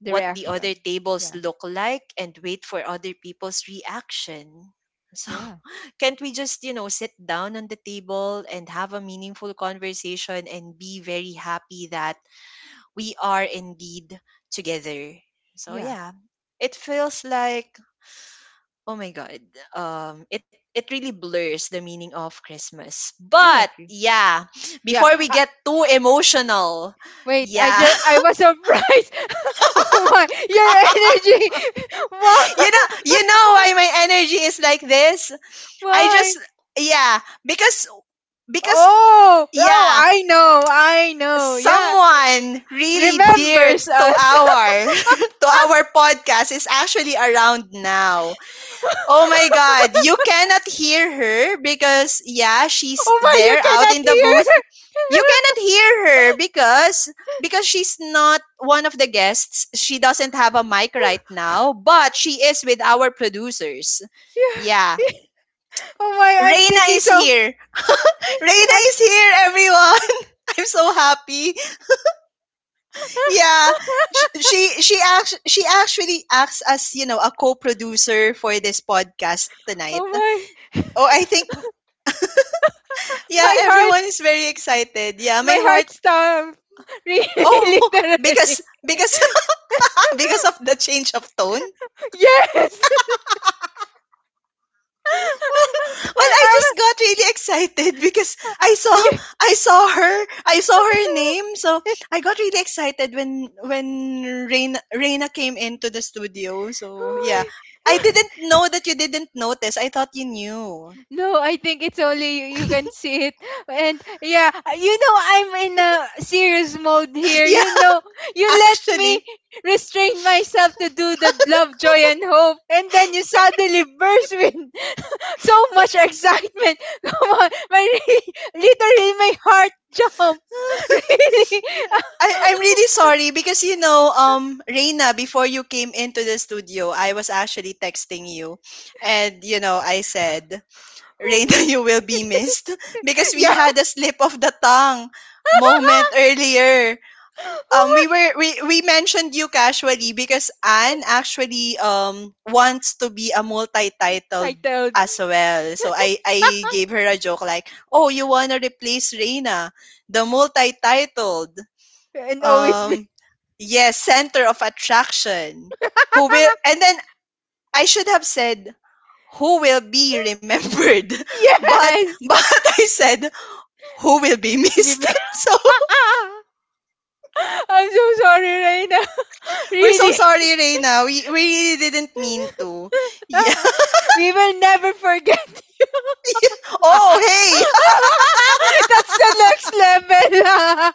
Speaker 2: The
Speaker 1: what the other
Speaker 2: reaction.
Speaker 1: tables
Speaker 2: Yeah.
Speaker 1: look like and wait for other people's reaction. So,
Speaker 2: Yeah.
Speaker 1: can't we just, you know, sit down on the table and have a meaningful conversation and be very happy that we are indeed together? So,
Speaker 2: Yeah.
Speaker 1: yeah, it feels like, oh my God, it really blurs the meaning of Christmas.
Speaker 2: I
Speaker 1: But,
Speaker 2: agree.
Speaker 1: yeah,
Speaker 2: Yeah.
Speaker 1: before we get too emotional,
Speaker 2: Wait. I
Speaker 1: yeah,
Speaker 2: just. I was surprised. Oh my! Your energy. Wow.
Speaker 1: you know why my energy is like this? I
Speaker 2: Why?
Speaker 1: just yeah, because because
Speaker 2: Oh, oh,
Speaker 1: yeah,
Speaker 2: I know, I know. Yeah,
Speaker 1: someone really dear
Speaker 2: remembers
Speaker 1: to
Speaker 2: us.
Speaker 1: our to our podcast is actually around now. Oh my God, you cannot hear her because yeah, she's
Speaker 2: Oh my, you
Speaker 1: there out
Speaker 2: cannot
Speaker 1: in the
Speaker 2: hear.
Speaker 1: booth. You cannot hear her because she's not one of the guests. She doesn't have a mic right now, but she is with our producers.
Speaker 2: Yeah.
Speaker 1: Yeah.
Speaker 2: Oh my, I'm
Speaker 1: Reina
Speaker 2: thinking
Speaker 1: is
Speaker 2: so.
Speaker 1: here. Reina
Speaker 2: I'm.
Speaker 1: is here, everyone. I'm so happy. Yeah, she actually acts as, you know, a co-producer for this podcast
Speaker 2: Oh
Speaker 1: tonight.
Speaker 2: my,
Speaker 1: Oh, I think yeah,
Speaker 2: my
Speaker 1: everyone
Speaker 2: heart.
Speaker 1: is very excited. Yeah, my
Speaker 2: My
Speaker 1: heart.
Speaker 2: heart stopped. Really,
Speaker 1: Oh,
Speaker 2: literally.
Speaker 1: because because because of the change of tone.
Speaker 2: Yes.
Speaker 1: Well, I
Speaker 2: I'm,
Speaker 1: just got really excited because
Speaker 2: yeah.
Speaker 1: I saw her I saw her name, so I got really excited when Reina came into the studio. So yeah, I didn't know that you didn't notice. I thought you knew.
Speaker 2: No, I think it's only you, you can see it. And yeah, you know I'm in a serious mode here. You
Speaker 1: Yeah,
Speaker 2: know, you let me
Speaker 1: actually.
Speaker 2: restrain myself to do the love, joy, and hope, and then you suddenly burst with so much excitement. Come on, my literally my heart jump. Really,
Speaker 1: I'm really sorry because, you know, Reina, before you came into the studio, I was actually texting you, and you know, I said,
Speaker 2: oh
Speaker 1: Reina,
Speaker 2: my,
Speaker 1: you will be missed because we
Speaker 2: yeah.
Speaker 1: had a slip of the tongue moment earlier.
Speaker 2: Oh
Speaker 1: We mentioned you casually because Anne actually wants to be a
Speaker 2: my
Speaker 1: multi-titled
Speaker 2: titled
Speaker 1: as well. So I gave her a joke like, "Oh, you wanna replace Reina, the multi-titled
Speaker 2: and always be
Speaker 1: um yes, center of attraction." Who will and then I should have said who will be remembered, but
Speaker 2: yes.
Speaker 1: but I said who will be
Speaker 2: Be-
Speaker 1: missed.
Speaker 2: be-
Speaker 1: So
Speaker 2: I'm so sorry, Reina.
Speaker 1: we're so
Speaker 2: Really.
Speaker 1: sorry, Reina. We really didn't mean to. Yeah.
Speaker 2: We will never forget.
Speaker 1: Oh
Speaker 2: That's
Speaker 1: hey,
Speaker 2: the next level.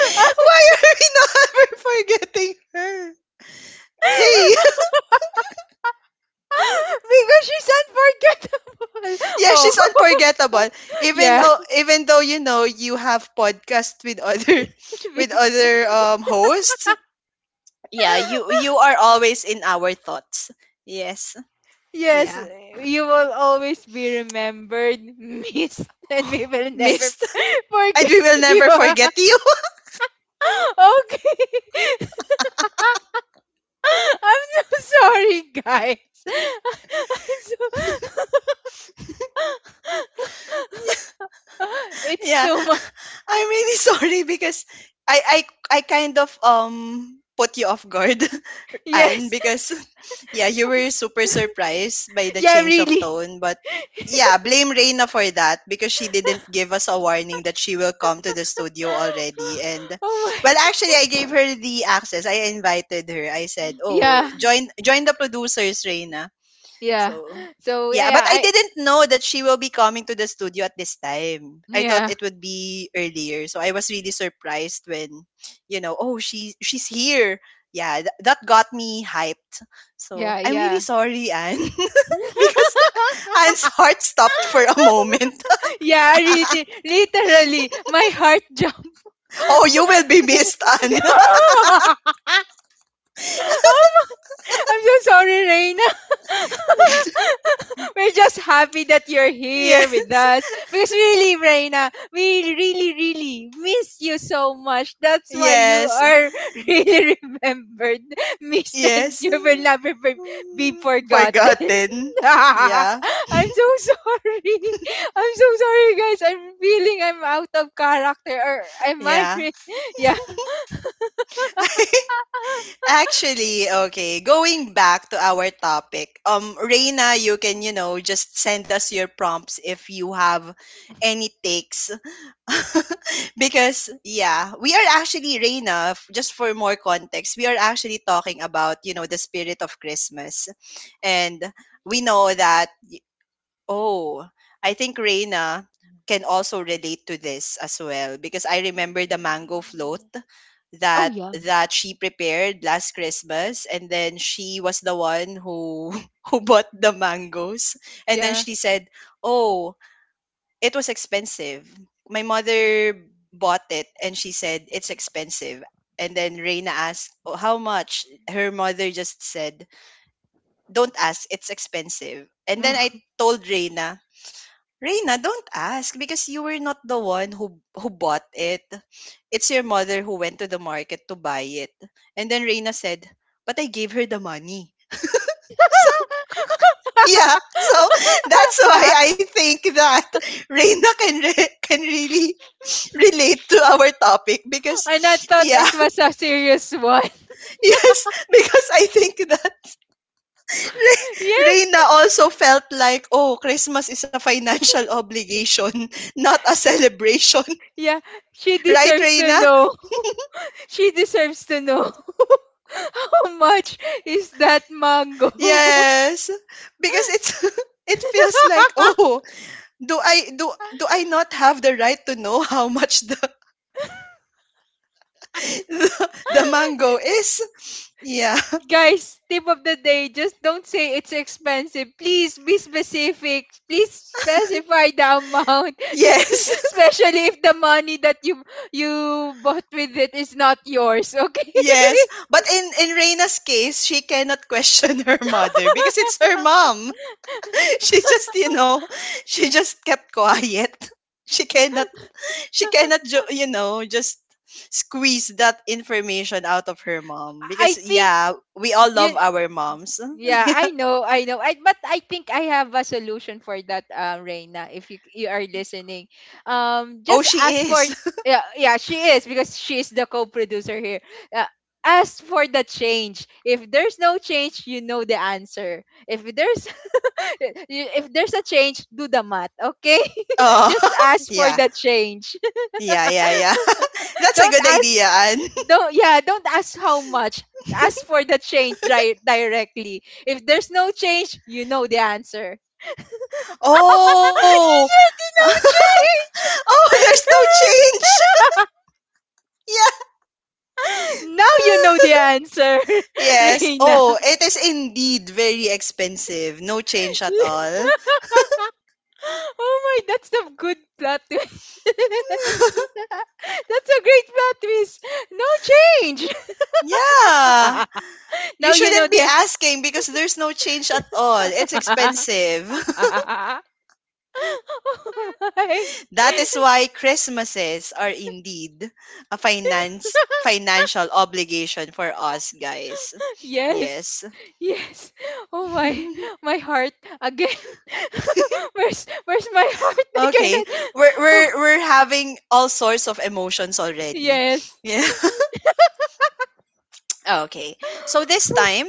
Speaker 1: why are we not forgetting her? Hey,
Speaker 2: Because she's unforgettable.
Speaker 1: yeah, she's
Speaker 2: Oh.
Speaker 1: unforgettable. Even
Speaker 2: Yeah.
Speaker 1: though, even though you know you have podcast with other, with other hosts. Yeah, you are always in our thoughts. Yes.
Speaker 2: Yes,
Speaker 1: Yeah.
Speaker 2: you will always be remembered, miss, and we will never
Speaker 1: Missed. And
Speaker 2: forget
Speaker 1: we will
Speaker 2: you.
Speaker 1: never
Speaker 2: Okay.
Speaker 1: forget you.
Speaker 2: I'm so sorry, guys. I'm so... it's
Speaker 1: Yeah.
Speaker 2: too much.
Speaker 1: I'm really sorry because I I I kind of put you off guard and
Speaker 2: Yes.
Speaker 1: because yeah, you were super surprised by the
Speaker 2: Yeah,
Speaker 1: change of
Speaker 2: really.
Speaker 1: tone, but yeah, blame Reina for that because she didn't give us a warning that she will come to the studio already. And
Speaker 2: Oh
Speaker 1: well,
Speaker 2: my.
Speaker 1: actually, I gave her the access. I invited her. I said, "Oh,
Speaker 2: Yeah.
Speaker 1: join join the producers, Reina."
Speaker 2: Yeah.
Speaker 1: So,
Speaker 2: So, yeah,
Speaker 1: yeah, but I
Speaker 2: I
Speaker 1: didn't know that she will be coming to the studio at this time. I thought
Speaker 2: yeah.
Speaker 1: it would be earlier. So I was really surprised when, you know, oh, she's here. Yeah, that got me hyped. So,
Speaker 2: Yeah,
Speaker 1: I'm really
Speaker 2: yeah.
Speaker 1: sorry, Anne, because Anne's heart stopped for a moment.
Speaker 2: Yeah, really, literally, my heart jumped.
Speaker 1: Oh, you will be missed, Anne.
Speaker 2: No! Oh my, I'm so sorry, Reina. We're just happy that you're here with
Speaker 1: Yes.
Speaker 2: us. Because really, Reina, we really, really miss you so much. That's why you
Speaker 1: Yes.
Speaker 2: are really remembered, missed, and
Speaker 1: Yes.
Speaker 2: you will never be forgotten.
Speaker 1: Forgotten. Yeah.
Speaker 2: I'm so sorry. I'm so sorry, guys. I'm feeling I'm out of character. Or am I?
Speaker 1: Yeah.
Speaker 2: Re- yeah.
Speaker 1: Actually, okay, going back to our topic, Reina, you can, you know, just send us your prompts if you have any takes. Because, yeah, we are actually, Reina, just for more context, we are actually talking about, you know, the spirit of Christmas. And we know that Oh, I think Reina can also relate to this as well because I remember the mango float
Speaker 2: Oh,
Speaker 1: that
Speaker 2: yeah.
Speaker 1: that she prepared last Christmas, and then she was the one who who bought the mangoes, and then
Speaker 2: Yeah.
Speaker 1: she said, "Oh, it was expensive. My mother bought it and she said it's expensive." And then Reina asked, "Oh, how much?" Her mother just said, "Don't ask, it's expensive." And then I told Reina, Reina, don't ask because you were not the one who bought it. It's your mother who went to the market to buy it. And then Reina said, "But I gave her the money." So, yeah. So that's why I think that Reina can really relate to our topic
Speaker 2: And I
Speaker 1: because
Speaker 2: thought
Speaker 1: yeah,
Speaker 2: it was a serious one.
Speaker 1: yes, because I think that Re-
Speaker 2: Yes.
Speaker 1: Reina also felt like, "Oh, Christmas is a financial obligation, not a celebration."
Speaker 2: Yeah. She
Speaker 1: Right,
Speaker 2: deserves to
Speaker 1: Reina?
Speaker 2: know. She deserves to know. How much is that mango?
Speaker 1: Yes, because it's it feels like oh, do I do do I not have the right to know how much the the mango is? Yeah.
Speaker 2: Guys, tip of the day, just don't say it's expensive. Please be specific. Please specify the amount. Because
Speaker 1: Yes.
Speaker 2: especially if the money that you bought with it is not yours, okay?
Speaker 1: Yes. But in Reina's case, she cannot question her mother because it's her mom. She just, you know, she just kept quiet. She cannot you know, just squeeze that information out of her mom
Speaker 2: I
Speaker 1: because
Speaker 2: think
Speaker 1: yeah, we all love
Speaker 2: you
Speaker 1: our moms.
Speaker 2: yeah, I know, I know. I but I think I have a solution for that, Reina. If you are listening,
Speaker 1: Oh,
Speaker 2: just
Speaker 1: she
Speaker 2: ask for
Speaker 1: is.
Speaker 2: yeah, yeah, she is because she is the co-producer here. Uh, Ask for the change. If there's no change, you know the answer. If there's if there's a change, do the math, okay?
Speaker 1: Oh,
Speaker 2: Just ask for
Speaker 1: yeah.
Speaker 2: the change.
Speaker 1: Yeah, yeah, yeah. That's a
Speaker 2: Don't
Speaker 1: good
Speaker 2: ask,
Speaker 1: idea, Anne.
Speaker 2: don't yeah, don't ask how much, ask for the change directly. If there's no change, you know the answer.
Speaker 1: Oh.
Speaker 2: You should know
Speaker 1: Oh, there's
Speaker 2: change
Speaker 1: no change. Yeah.
Speaker 2: now you know the answer.
Speaker 1: Yes.
Speaker 2: Reina,
Speaker 1: Oh, it is indeed very expensive. No change at all.
Speaker 2: oh my, that's the good plot twist. That's a great plot twist. No change.
Speaker 1: Yeah. You
Speaker 2: Now you know
Speaker 1: shouldn't be
Speaker 2: the
Speaker 1: asking because there's no change at all. It's expensive.
Speaker 2: oh my.
Speaker 1: That is why Christmases are indeed a finance financial obligation for us, guys.
Speaker 2: Yes.
Speaker 1: Yes.
Speaker 2: Yes. Oh my, my heart again. Where's my heart? I
Speaker 1: Okay.
Speaker 2: cannot.
Speaker 1: We're
Speaker 2: Oh,
Speaker 1: we're we're having all sorts of emotions already.
Speaker 2: yes.
Speaker 1: Yeah. Okay. So this time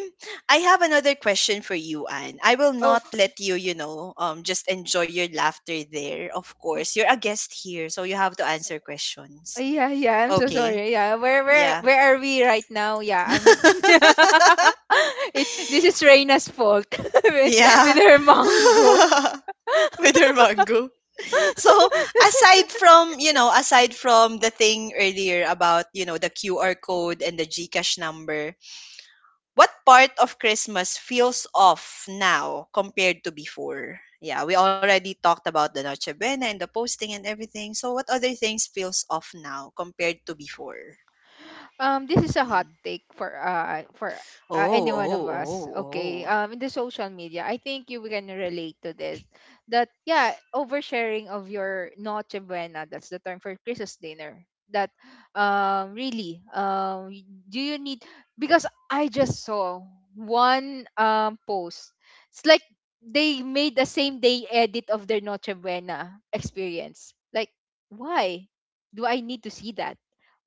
Speaker 1: I have another question for you, Anne. I will
Speaker 2: Oh,
Speaker 1: not let you, you know, just enjoy your laughter there. Of
Speaker 2: w-
Speaker 1: course. You're a guest here, so you have to answer questions.
Speaker 2: yeah, yeah. I'm so
Speaker 1: Okay.
Speaker 2: sorry. Yeah.
Speaker 1: Yeah.
Speaker 2: Where are we right now? Yeah, I'm it's this is Reina's fault, with, with
Speaker 1: Yeah.
Speaker 2: her mango.
Speaker 1: With her mango. So aside from, you know, aside from the thing earlier about, you know, the QR code and the GCash number, what part of Christmas feels off now compared to before? Yeah, we already talked about the Noche Buena and the posting and everything. So what other things feels off now compared to before?
Speaker 2: Um, this is a hot
Speaker 1: Mm.
Speaker 2: take for
Speaker 1: Oh,
Speaker 2: any one of
Speaker 1: oh,
Speaker 2: us. Okay,
Speaker 1: oh, oh.
Speaker 2: in the social media, I think you can relate to this, that yeah, oversharing of your noche buena, that's the term for christmas dinner, that really do you need, because I just saw one post, it's like they made the same day edit of their noche buena experience, like why do I need to see that,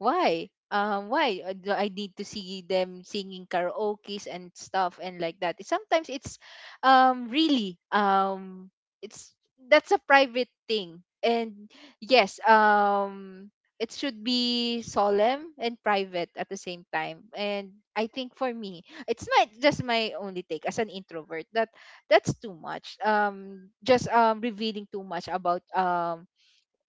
Speaker 2: why, do I need to see them singing karaokes and stuff, and like that sometimes it's really it's that's a private thing, and yes, it should be solemn and private at the same time. And I think for me, it's not just my only take as an introvert, that that's too much, just revealing too much about,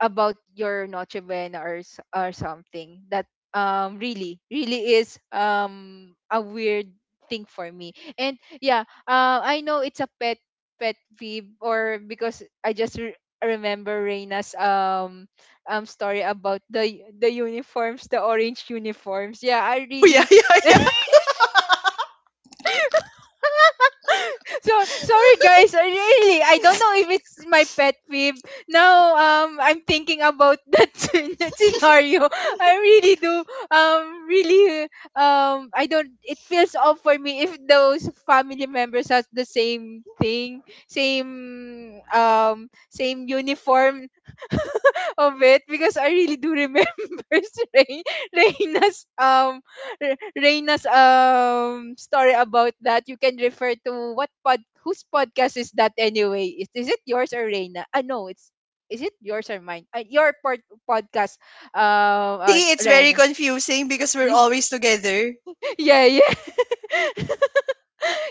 Speaker 2: about your Noche Buena, or or something that really really is a weird thing for me. And yeah, I know it's a pet peeve, or because I just remember Reina's story about the uniforms, the orange uniforms. Yeah, I
Speaker 1: Oh yeah,
Speaker 2: really
Speaker 1: yeah, yeah.
Speaker 2: so sorry guys, I really I don't know if it's my pet peeve now. I'm thinking about that, that scenario. I really do, um really I don't, it feels off for me if those family members has the same thing, same uniform of it, because I really do remember Rain, Reina's Reina's story about that. You can refer to what pod whose podcast is that anyway? Is it yours or Reina? Ah no, it's is it yours or mine? Your pod, podcast,
Speaker 1: See, it's very
Speaker 2: Ren.
Speaker 1: confusing because we're
Speaker 2: Y-
Speaker 1: always together.
Speaker 2: yeah, yeah.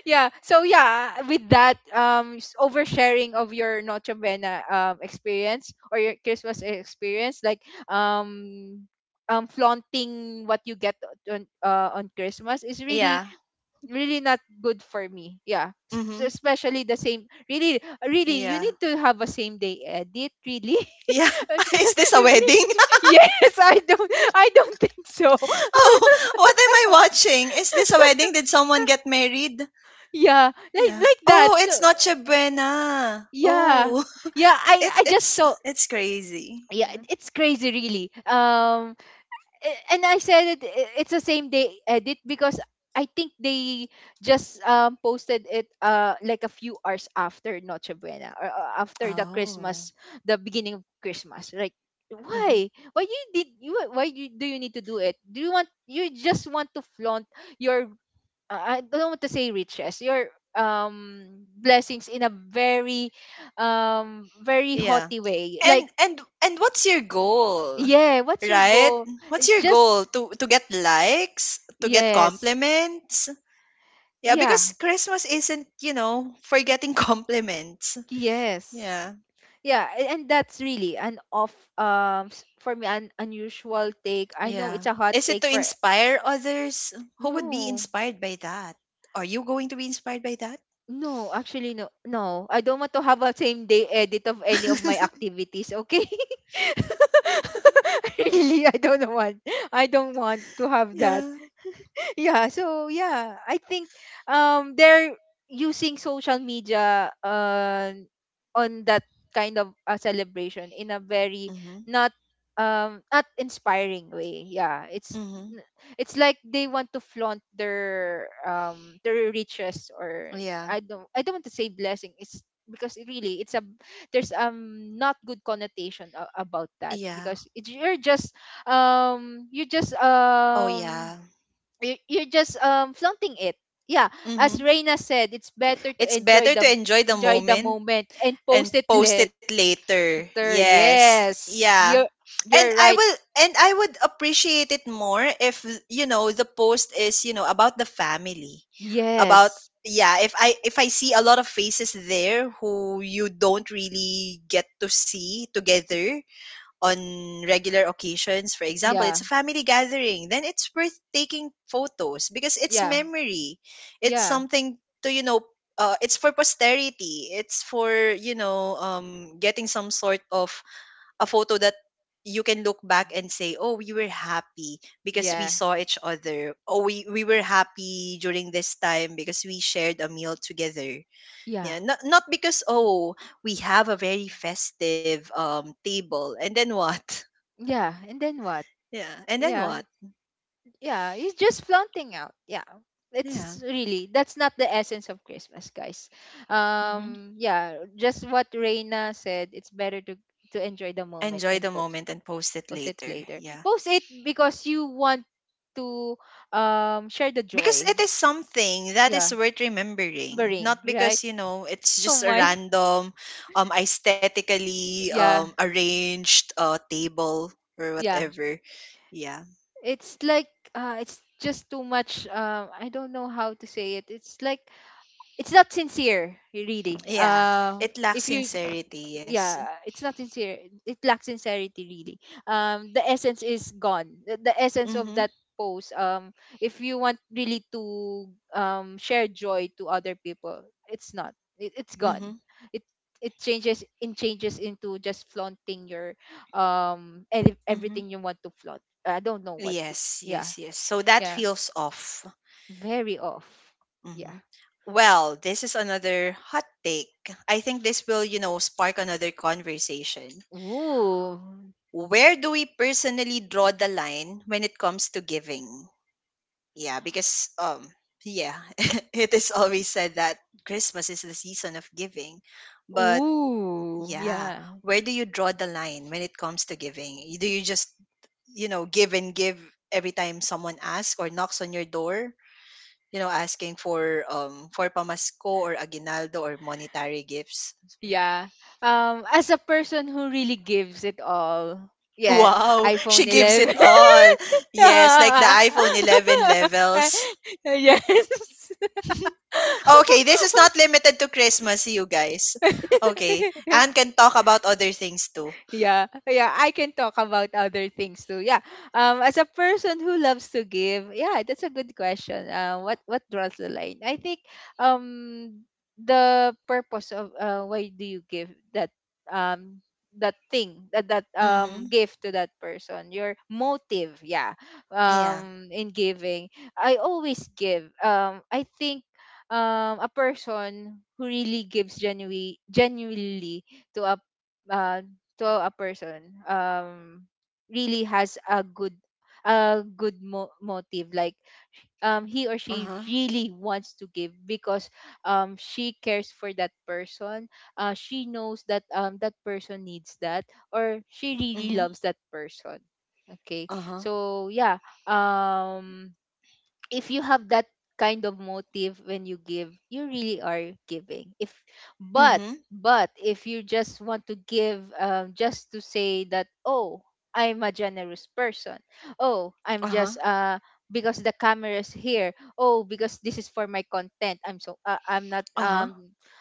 Speaker 2: Yeah so with that oversharing of your Noche Buena experience or your Christmas experience, like um flaunting what you get on Christmas is really
Speaker 1: Yeah.
Speaker 2: really not good for me, yeah.
Speaker 1: Mm-hmm.
Speaker 2: Especially the same, really you
Speaker 1: Yeah.
Speaker 2: need to have a same day edit, really.
Speaker 1: Yeah. Is this a
Speaker 2: You
Speaker 1: wedding?
Speaker 2: really- yes, I don't think so.
Speaker 1: Oh, what am I watching? Is this a wedding? Did someone get married?
Speaker 2: Yeah, like
Speaker 1: Yeah.
Speaker 2: like
Speaker 1: Oh,
Speaker 2: that, so
Speaker 1: it's Noche Buena.
Speaker 2: yeah.
Speaker 1: Oh,
Speaker 2: yeah i i just saw,
Speaker 1: it's crazy.
Speaker 2: yeah,
Speaker 1: Yeah.
Speaker 2: it's crazy, really. And I said it's the same day edit because I think they just posted it like a few hours after Noche Buena, or after the
Speaker 1: Oh.
Speaker 2: Christmas, the beginning of Christmas, like,
Speaker 1: Hmm.
Speaker 2: why? Why you did you why you, Do you need to do it? Do you want You just want to flaunt your, I don't want to say riches, your blessings in a very, very
Speaker 1: Yeah.
Speaker 2: haughty way,
Speaker 1: And
Speaker 2: like,
Speaker 1: and and what's your goal?
Speaker 2: yeah, what's your
Speaker 1: Right?
Speaker 2: goal?
Speaker 1: What's
Speaker 2: It's
Speaker 1: your
Speaker 2: just
Speaker 1: goal? To get likes, to get
Speaker 2: yes.
Speaker 1: compliments? Yeah,
Speaker 2: Yeah.
Speaker 1: because Christmas isn't, you know, for getting compliments.
Speaker 2: Yes.
Speaker 1: Yeah.
Speaker 2: Yeah, and that's really an off, for me an unusual take. I know
Speaker 1: Yeah.
Speaker 2: it's a hot
Speaker 1: Is it
Speaker 2: take
Speaker 1: to
Speaker 2: for
Speaker 1: inspire others? Who would be
Speaker 2: no.
Speaker 1: inspired by that? Are you going to be inspired by that?
Speaker 2: No, actually no. No, I don't want to have a same day edit of any of my activities, okay? Really, I don't want. I don't want to have that.
Speaker 1: Yeah.
Speaker 2: Yeah so I think they're using social media on that kind of celebration in a very
Speaker 1: Mhm.
Speaker 2: not, not inspiring way, yeah. it's
Speaker 1: Mhm.
Speaker 2: n- it's like they want to flaunt their riches, or
Speaker 1: Yeah.
Speaker 2: I don't want to say blessing. It's because it really it's a, there's not good connotation about that,
Speaker 1: Yeah.
Speaker 2: because it's, you're just you just
Speaker 1: Oh yeah.
Speaker 2: you're just flaunting it, yeah. As
Speaker 1: Mhm.
Speaker 2: Reina said, it's better to
Speaker 1: It's better to enjoy the
Speaker 2: enjoy the
Speaker 1: moment
Speaker 2: moment and
Speaker 1: and
Speaker 2: post it
Speaker 1: post
Speaker 2: later.
Speaker 1: it later. Yes.
Speaker 2: Yes,
Speaker 1: Yeah. And
Speaker 2: you're
Speaker 1: I
Speaker 2: right.
Speaker 1: will and I would appreciate it more if, you know, the post is, you know, about the family about
Speaker 2: Yes.
Speaker 1: yeah, if I see a lot of faces there who you don't really get to see together on regular occasions, for example,
Speaker 2: Yeah.
Speaker 1: it's a family gathering, then it's worth taking photos because it's
Speaker 2: Yeah.
Speaker 1: memory, it's
Speaker 2: Yeah.
Speaker 1: something to, you know, it's for posterity, it's for, you know, getting some sort of a photo that you can look back and say, "Oh, we were happy because we
Speaker 2: Yeah.
Speaker 1: saw each other. Oh, we were happy during this time because we shared a meal together."
Speaker 2: Yeah.
Speaker 1: Yeah, not because oh, we have a very festive table. And then what?
Speaker 2: Yeah, and then what?
Speaker 1: Yeah, and then
Speaker 2: Yeah.
Speaker 1: what?
Speaker 2: Yeah, it's just flaunting out, yeah.
Speaker 1: Yeah.
Speaker 2: It's really, that's not the essence of Christmas, guys.
Speaker 1: Hmm.
Speaker 2: Yeah, just what Reina said, it's better to enjoy the
Speaker 1: Enjoy
Speaker 2: moment
Speaker 1: the
Speaker 2: and
Speaker 1: moment
Speaker 2: post.
Speaker 1: and post it
Speaker 2: Post it
Speaker 1: later.
Speaker 2: later.
Speaker 1: Yeah.
Speaker 2: Post it because you want to share the
Speaker 1: Because
Speaker 2: joy.
Speaker 1: it is something that
Speaker 2: Yeah,
Speaker 1: is worth remembering,
Speaker 2: bring,
Speaker 1: not
Speaker 2: right?
Speaker 1: because, you know, it's
Speaker 2: Oh
Speaker 1: just a
Speaker 2: my.
Speaker 1: random aesthetically
Speaker 2: Yeah,
Speaker 1: arranged table or
Speaker 2: yeah.
Speaker 1: whatever. Yeah.
Speaker 2: It's like it's just too much. I don't know how to say it. It's like it's not sincere, really.
Speaker 1: Yeah, it lacks
Speaker 2: If you
Speaker 1: sincerity. Yes.
Speaker 2: Yeah, it's not sincere, it lacks sincerity, really. The essence is gone, the essence of
Speaker 1: Mhm.
Speaker 2: that post. If you want really to share joy to other people, it's not it, it's
Speaker 1: Mhm.
Speaker 2: gone, it it changes in changes into just flaunting your and
Speaker 1: Mhm.
Speaker 2: everything you want to flaunt. I don't know what to.
Speaker 1: Yes, yes,
Speaker 2: Yeah.
Speaker 1: yes, so that
Speaker 2: Yeah,
Speaker 1: feels off.
Speaker 2: very off,
Speaker 1: Mhm.
Speaker 2: yeah.
Speaker 1: Well, this is another hot take. I think this will, you know, spark another conversation.
Speaker 2: Ooh.
Speaker 1: Where do we personally draw the line when it comes to giving? Yeah, because yeah, it is always said that Christmas is the season of giving. But
Speaker 2: Ooh,
Speaker 1: yeah,
Speaker 2: yeah.
Speaker 1: where do you draw the line when it comes to giving? Do you just, you know, give and give every time someone asks or knocks on your door, you know, asking for pamasko or aguinaldo or monetary gifts?
Speaker 2: Yeah. As a person who really gives it all, yeah,
Speaker 1: Wow, she
Speaker 2: iPhone
Speaker 1: gives it
Speaker 2: 11.
Speaker 1: all. Yes, like the
Speaker 2: Yeah.
Speaker 1: iPhone 11 levels. Okay, this is not limited to Christmas, you guys. Okay.
Speaker 2: Yes.
Speaker 1: Anne can talk about other things too.
Speaker 2: Yeah, yeah, I can talk about other things too, yeah. As a person who loves to give, yeah, that's a good question. What draws the line? I think um the purpose of, why do you give that, um that thing, that
Speaker 1: Mm-hmm.
Speaker 2: gift to that person, your motive, yeah,
Speaker 1: Yeah.
Speaker 2: in giving. I always give. I think a person who really gives genuinely, to a, uh, to a person, really has a good, a good motive, like, he or she
Speaker 1: Uh-huh.
Speaker 2: really wants to give because she cares for that person, she knows that that person needs that, or she really
Speaker 1: Mm-hmm.
Speaker 2: loves that person. Okay,
Speaker 1: Uh-huh.
Speaker 2: so yeah. um if you have that kind of motive when you give, you really are giving. If but
Speaker 1: Mm-hmm.
Speaker 2: But if you just want to give, just to say that, oh, I'm a generous person, oh, I'm just
Speaker 1: Uh-huh.
Speaker 2: because the camera is here, oh, because this is for my content, I'm so I'm not
Speaker 1: Uh-huh.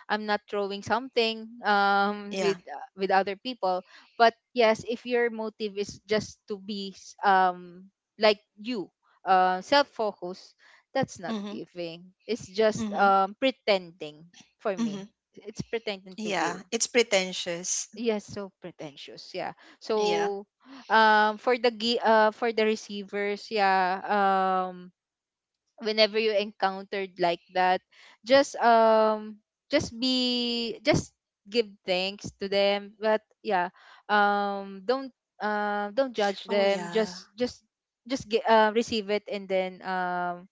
Speaker 2: I'm not throwing something
Speaker 1: Yeah.
Speaker 2: with other people. But yes, if your motive is just to be like you, self-focus, that's not
Speaker 1: Mm-hmm.
Speaker 2: giving. It's just
Speaker 1: Mm-hmm.
Speaker 2: pretending for
Speaker 1: Mm-hmm.
Speaker 2: me. It's pretending to
Speaker 1: Yeah.
Speaker 2: give.
Speaker 1: It's pretentious.
Speaker 2: Yes, so pretentious. Yeah.
Speaker 1: Yeah.
Speaker 2: So for the for the receivers, yeah. Whenever you encountered like that, just be just give thanks to them. But yeah, um, don't don't judge
Speaker 1: Oh
Speaker 2: them.
Speaker 1: yeah.
Speaker 2: Just get, receive it and then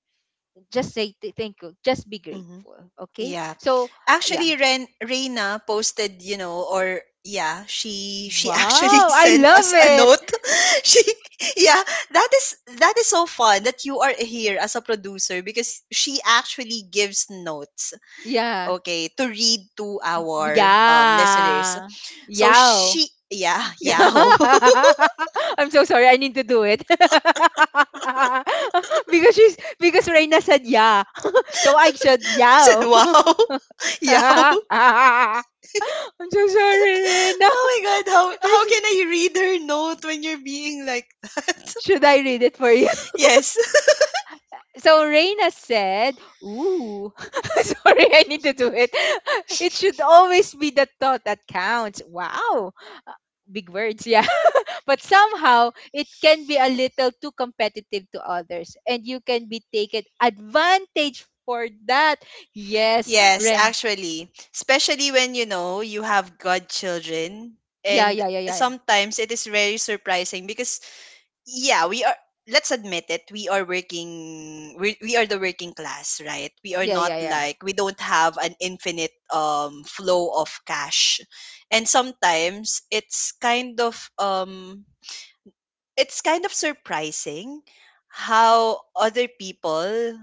Speaker 2: just say thank you, just be
Speaker 1: Mm-hmm.
Speaker 2: grateful, okay?
Speaker 1: Yeah.
Speaker 2: So yeah.
Speaker 1: Actually, Ren Reina posted, you know, or yeah, she actually
Speaker 2: Wow, I
Speaker 1: sent us
Speaker 2: love
Speaker 1: a
Speaker 2: it.
Speaker 1: note. She yeah, that is so fun that you are here as a producer because she actually gives notes,
Speaker 2: Yeah.
Speaker 1: okay, to read to our listeners.
Speaker 2: Yeah.
Speaker 1: So
Speaker 2: Yow.
Speaker 1: she yeah, yow.
Speaker 2: I'm so sorry, I need to do it. Because she's, because Reina said yeah, so I said
Speaker 1: I said
Speaker 2: yow.
Speaker 1: wow. Yow.
Speaker 2: I'm so sorry, Reina.
Speaker 1: Oh my God, how can I read her note when you're being like
Speaker 2: Should I read it for you?
Speaker 1: yes.
Speaker 2: So Reina said, "Ooh, sorry, I need to do it. It should always be the thought that counts." Wow, big words, yeah. But somehow it can be a little too competitive to others, and you can be taken advantage for that. Yes,
Speaker 1: Yes,
Speaker 2: Reina.
Speaker 1: actually, especially when you know you have godchildren,
Speaker 2: Yeah,
Speaker 1: and
Speaker 2: yeah, yeah, yeah,
Speaker 1: sometimes it is very surprising because yeah, we are. Let's admit it. We are working. We are the working class, right? We are
Speaker 2: yeah,
Speaker 1: not
Speaker 2: yeah, yeah,
Speaker 1: like we don't have an infinite flow of cash, and sometimes it's kind of surprising how other people,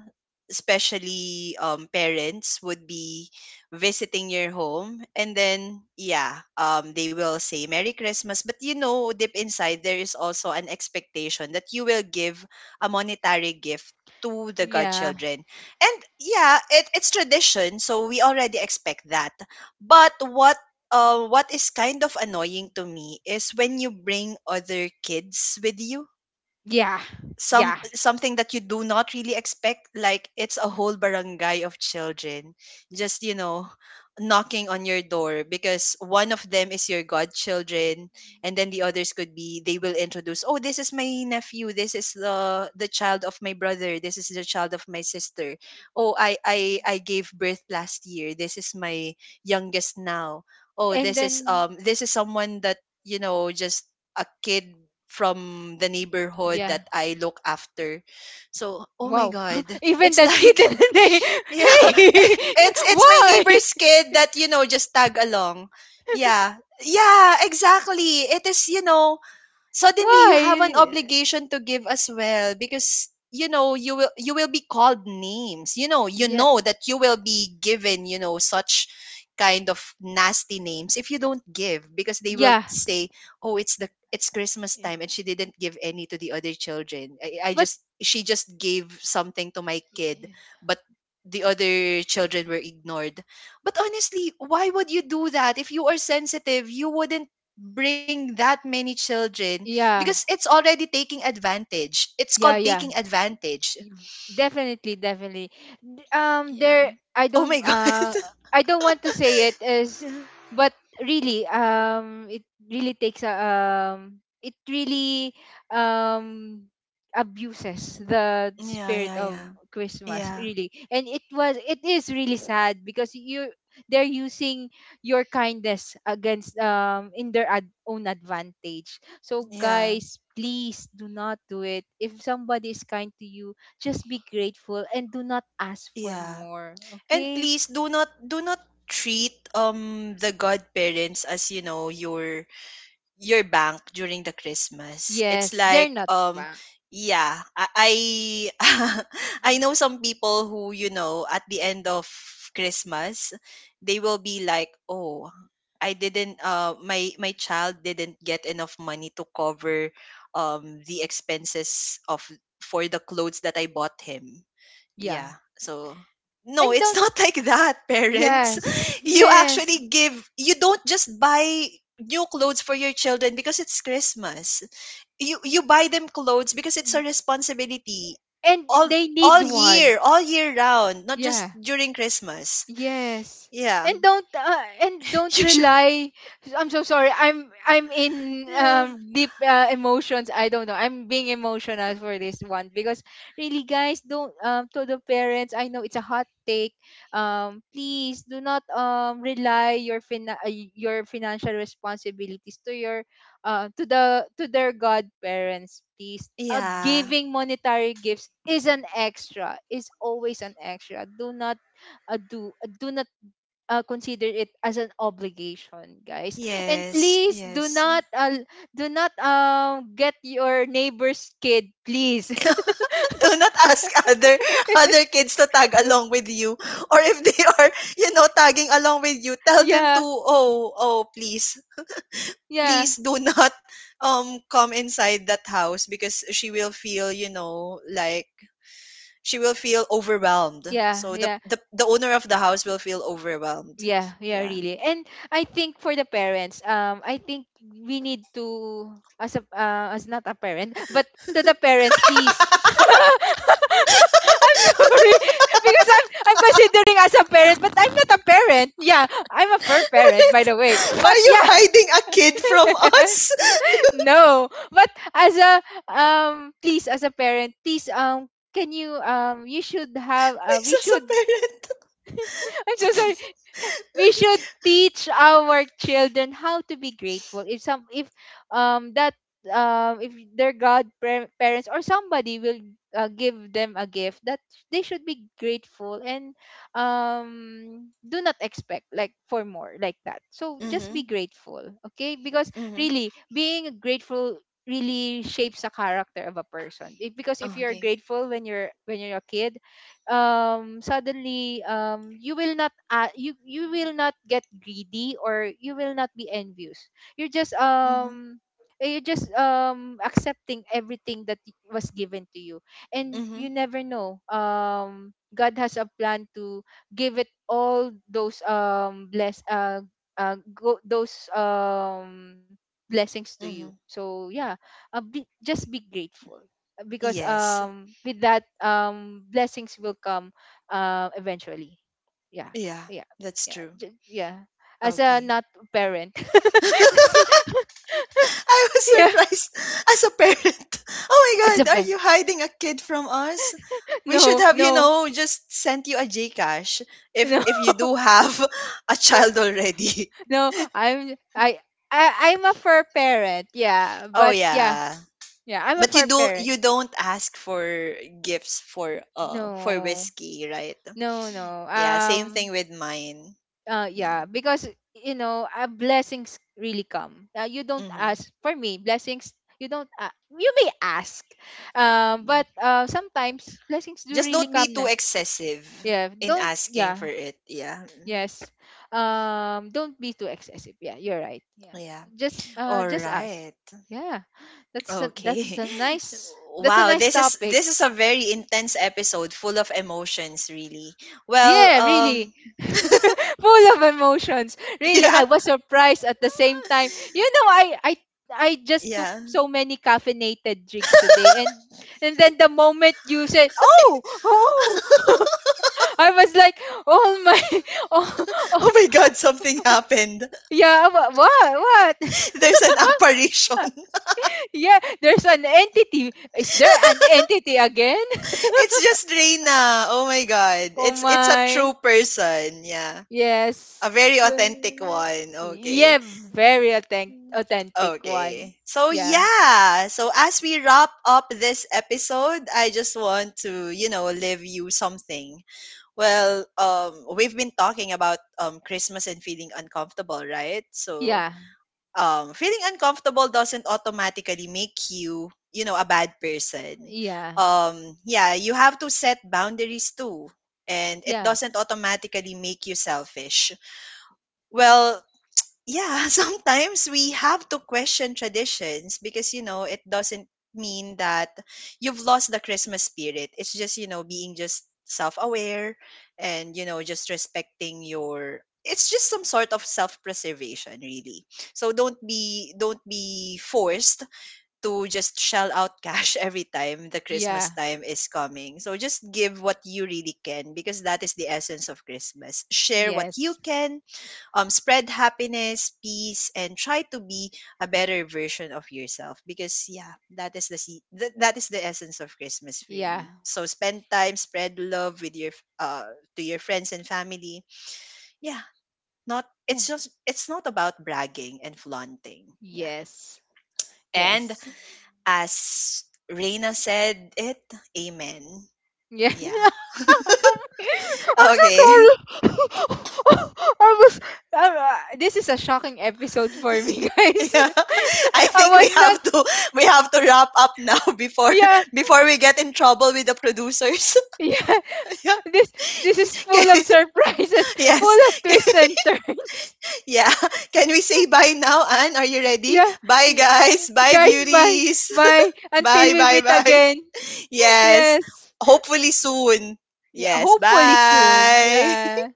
Speaker 1: especially parents, would be visiting your home. And then, yeah, they will say Merry Christmas. But you know, deep inside, there is also an expectation that you will give a monetary gift to the
Speaker 2: yeah, yeah,
Speaker 1: godchildren. And yeah, it's tradition. So we already expect that. But what is kind of annoying to me is when you bring other kids with you,
Speaker 2: yeah, yeah.
Speaker 1: something that you do not really expect, like it's a whole barangay of children just, you know, knocking on your door because one of them is your godchildren. And then the others could be, they will introduce, oh, this is my nephew, this is the child of my brother, this is the child of my sister. Oh, I gave birth last year, this is my youngest now. Oh,
Speaker 2: And then
Speaker 1: this is someone that, you know, just a kid from the neighborhood
Speaker 2: yeah.
Speaker 1: that I look after. So, oh my
Speaker 2: Wow.
Speaker 1: god,
Speaker 2: Even
Speaker 1: it's
Speaker 2: that
Speaker 1: like
Speaker 2: kid in the day.
Speaker 1: yeah,
Speaker 2: Hey,
Speaker 1: it's it's my
Speaker 2: why?
Speaker 1: neighbor's kid that, you know, just tag along. Yeah. Yeah, exactly. It is, you know, suddenly you have an
Speaker 2: Why?
Speaker 1: obligation to give as well, because you know you will, you will be called names, you know, you
Speaker 2: Yeah.
Speaker 1: know that you will be given, you know, such kind of nasty names if you don't give, because they will
Speaker 2: Yeah.
Speaker 1: say, oh, it's Christmas time and she didn't give any to the other children. I
Speaker 2: But
Speaker 1: just, she just gave something to my kid but the other children were ignored. But honestly, why would you do that? If you are sensitive, you wouldn't bring that many children, because
Speaker 2: yeah.
Speaker 1: it's already taking advantage. It's called
Speaker 2: Yeah, yeah.
Speaker 1: taking advantage.
Speaker 2: Definitely, definitely.
Speaker 1: Yeah.
Speaker 2: I
Speaker 1: Oh
Speaker 2: don't,
Speaker 1: my god.
Speaker 2: I don't want to say it as,
Speaker 1: Yeah.
Speaker 2: but really, it really takes a, it really, um, abuses the
Speaker 1: Yeah,
Speaker 2: spirit
Speaker 1: yeah,
Speaker 2: of
Speaker 1: yeah.
Speaker 2: Christmas,
Speaker 1: Yeah.
Speaker 2: really. And it is really sad because you, they're using your kindness against, in their own advantage. So
Speaker 1: Yeah.
Speaker 2: guys, please do not do it. If somebody is kind to you, just be grateful and do not ask for
Speaker 1: Yeah.
Speaker 2: more.
Speaker 1: And
Speaker 2: Okay?
Speaker 1: please do not treat the godparents as, you know, your bank during the Christmas. It's
Speaker 2: Yes, they're
Speaker 1: like
Speaker 2: not wrong.
Speaker 1: yeah, I I know some people who, you know, at the end of Christmas, they will be like, "Oh, I didn't my child didn't get enough money to cover the expenses of, for the clothes that I bought him."
Speaker 2: Yeah.
Speaker 1: Yeah. So no,
Speaker 2: And
Speaker 1: it's
Speaker 2: don't,
Speaker 1: not like that, parents.
Speaker 2: yes,
Speaker 1: You
Speaker 2: yes.
Speaker 1: actually give, you don't just buy new clothes for your children because it's Christmas. You buy them clothes because it's a responsibility
Speaker 2: And
Speaker 1: all,
Speaker 2: they need one.
Speaker 1: all year round, not just
Speaker 2: Yeah.
Speaker 1: during Christmas.
Speaker 2: Yes.
Speaker 1: Yeah.
Speaker 2: And don't, and don't
Speaker 1: You should.
Speaker 2: rely. I'm so sorry, I'm in
Speaker 1: Yeah.
Speaker 2: deep emotions. I don't know. I'm being emotional for this one because really, guys, don't, to the parents, I know it's a hot take. Please do not rely your your financial responsibilities to your to the to their godparents, please.
Speaker 1: Yeah.
Speaker 2: Giving monetary gifts is an extra. Is always an extra. Do not do not consider it as an obligation, guys. And
Speaker 1: Yes,
Speaker 2: please do
Speaker 1: yes.
Speaker 2: not, get your neighbor's kid, please.
Speaker 1: Do not ask other kids to tag along with you. Or if they are, you know, tagging along with you, tell them to,
Speaker 2: Yeah,
Speaker 1: oh, please,
Speaker 2: yeah,
Speaker 1: please do not come inside that house, because she will feel, you know, like she will feel overwhelmed.
Speaker 2: yeah,
Speaker 1: So
Speaker 2: yeah.
Speaker 1: the owner of the house will feel overwhelmed.
Speaker 2: Yeah, yeah,
Speaker 1: Yeah.
Speaker 2: really. And I think for the parents, I think we need to, as a as not a parent, but to the parents, please. I'm sorry, because I'm considering as a parent, but I'm not a parent. Yeah, I'm a fur parent, by the way. But
Speaker 1: Are you
Speaker 2: yeah,
Speaker 1: hiding a kid from us?
Speaker 2: no. But as a please, as a parent, please, can you, you should have,
Speaker 1: This
Speaker 2: we
Speaker 1: Isa a
Speaker 2: should.
Speaker 1: parent.
Speaker 2: I'm so sorry. We should teach our children how to be grateful if some, um that if their god parents or somebody will give them a gift, that they should be grateful and do not expect like for more, like that. So just be
Speaker 1: Mm-hmm.
Speaker 2: grateful, okay? Because
Speaker 1: Mm-hmm.
Speaker 2: really, being grateful really shapes the character of a person. If, because if
Speaker 1: Oh,
Speaker 2: you're
Speaker 1: okay.
Speaker 2: grateful when you're, when you're a kid, suddenly you will not, you will not get greedy or you will not be envious, you're just
Speaker 1: Mhm,
Speaker 2: you're just accepting everything that was given to you, and
Speaker 1: mhm,
Speaker 2: you never know, God has a plan to give it all those those blessings to you.
Speaker 1: mhm.
Speaker 2: So yeah, just be grateful because
Speaker 1: Yes.
Speaker 2: with that, blessings will come, eventually. Yeah.
Speaker 1: Yeah,
Speaker 2: Yeah.
Speaker 1: that's
Speaker 2: Yeah.
Speaker 1: true.
Speaker 2: Yeah, as a
Speaker 1: Okay.
Speaker 2: not parent. As a-
Speaker 1: I was
Speaker 2: yeah,
Speaker 1: surprised as a parent. Oh
Speaker 2: as
Speaker 1: my
Speaker 2: a
Speaker 1: god, are
Speaker 2: parent.
Speaker 1: you hiding a kid from us? We should
Speaker 2: No,
Speaker 1: have, you
Speaker 2: no,
Speaker 1: know, just sent you a Gcash if
Speaker 2: no.
Speaker 1: if you do have a child already.
Speaker 2: No, I, I'm a fur parent, yeah.
Speaker 1: Oh
Speaker 2: But yeah,
Speaker 1: yeah.
Speaker 2: yeah, I'm a
Speaker 1: But
Speaker 2: fur parent.
Speaker 1: you don't ask for gifts for
Speaker 2: No,
Speaker 1: whiskey, right?
Speaker 2: no, no.
Speaker 1: Yeah, same thing with mine. Yeah.
Speaker 2: Yeah, because, you know, blessings really come, you don't
Speaker 1: Mhm.
Speaker 2: ask for me blessings, you don't, you may ask, but sometimes blessings do
Speaker 1: Just
Speaker 2: really
Speaker 1: don't be
Speaker 2: come
Speaker 1: too
Speaker 2: na.
Speaker 1: excessive
Speaker 2: Yeah,
Speaker 1: in
Speaker 2: don't,
Speaker 1: asking for
Speaker 2: yeah,
Speaker 1: it. Yeah. Mm,
Speaker 2: yes, don't be too excessive, yeah, you're right, yeah.
Speaker 1: yeah.
Speaker 2: Just
Speaker 1: All
Speaker 2: ask,
Speaker 1: right.
Speaker 2: yeah. That's a
Speaker 1: Okay.
Speaker 2: nice, that's a nice
Speaker 1: Wow,
Speaker 2: topic.
Speaker 1: this is a very intense episode full of emotions really. Well,
Speaker 2: Yeah, really. Full of emotions. Really,
Speaker 1: yeah.
Speaker 2: I was surprised at the same time. You know, I just took
Speaker 1: Yeah.
Speaker 2: so many caffeinated drinks today, and then the moment you said, "Oh, oh," I was like, "Oh my, oh, oh,
Speaker 1: Oh my god, something happened.
Speaker 2: yeah, what, what?"
Speaker 1: There's an apparition.
Speaker 2: Yeah, there's an entity. Is there an entity again?
Speaker 1: It's just Reina. Oh my god.
Speaker 2: Oh
Speaker 1: It's a
Speaker 2: my.
Speaker 1: true person. Yeah. A
Speaker 2: Yes.
Speaker 1: very authentic
Speaker 2: Well,
Speaker 1: one.
Speaker 2: yeah,
Speaker 1: Okay.
Speaker 2: very authentic, authentic one.
Speaker 1: Okay. So
Speaker 2: Yeah.
Speaker 1: yeah. So as we wrap up this episode, I just want to, you know, leave you something. Well, we've been talking about Christmas and feeling uncomfortable, right? So,
Speaker 2: Yeah.
Speaker 1: feeling uncomfortable doesn't automatically make you, you know, a bad person.
Speaker 2: Yeah.
Speaker 1: Yeah, you have to set boundaries too. And it
Speaker 2: Yeah.
Speaker 1: doesn't automatically make you selfish. Well, yeah, sometimes we have to question traditions because, you know, it doesn't mean that you've lost the Christmas spirit. It's just, you know, being just self aware and, you know, just respecting your. It's just some sort of self preservation, really. So don't be forced to just shell out cash every time the Christmas
Speaker 2: Yeah.
Speaker 1: time is coming. So just give what you really can, because that is the essence of Christmas. Share what you
Speaker 2: Yes.
Speaker 1: can, spread happiness, peace, and try to be a better version of yourself. Because yeah, that is the that is the essence of Christmas for
Speaker 2: Yeah.
Speaker 1: me. So spend time, spread love with your to your friends and family. Yeah, not,
Speaker 2: Yeah.
Speaker 1: it's just it's not about bragging and flaunting. Yeah,
Speaker 2: Yes.
Speaker 1: and
Speaker 2: Yes.
Speaker 1: as Reina said it, Amen.
Speaker 2: Yeah.
Speaker 1: Yeah.
Speaker 2: I'm I'm so
Speaker 1: Okay.
Speaker 2: sorry. I was this is a shocking episode for me, guys.
Speaker 1: Yeah, I
Speaker 2: I
Speaker 1: think we
Speaker 2: was not,
Speaker 1: have to, wrap up now before,
Speaker 2: yeah.
Speaker 1: before we get in trouble with the producers.
Speaker 2: Yeah.
Speaker 1: Yeah.
Speaker 2: This this is full of
Speaker 1: Can-
Speaker 2: surprises, full
Speaker 1: yes.
Speaker 2: of twists and turns.
Speaker 1: Yeah. Can we say bye now, Anne? Are you ready?
Speaker 2: Yeah,
Speaker 1: Bye
Speaker 2: yeah.
Speaker 1: guys. Bye
Speaker 2: Guys, bye.
Speaker 1: beauties.
Speaker 2: Bye. Until
Speaker 1: Bye
Speaker 2: we
Speaker 1: bye
Speaker 2: meet
Speaker 1: bye.
Speaker 2: again.
Speaker 1: Yes.
Speaker 2: Yes.
Speaker 1: Hopefully soon.
Speaker 2: Yeah,
Speaker 1: Yes.
Speaker 2: hopefully soon.
Speaker 1: Bye.
Speaker 2: Yeah.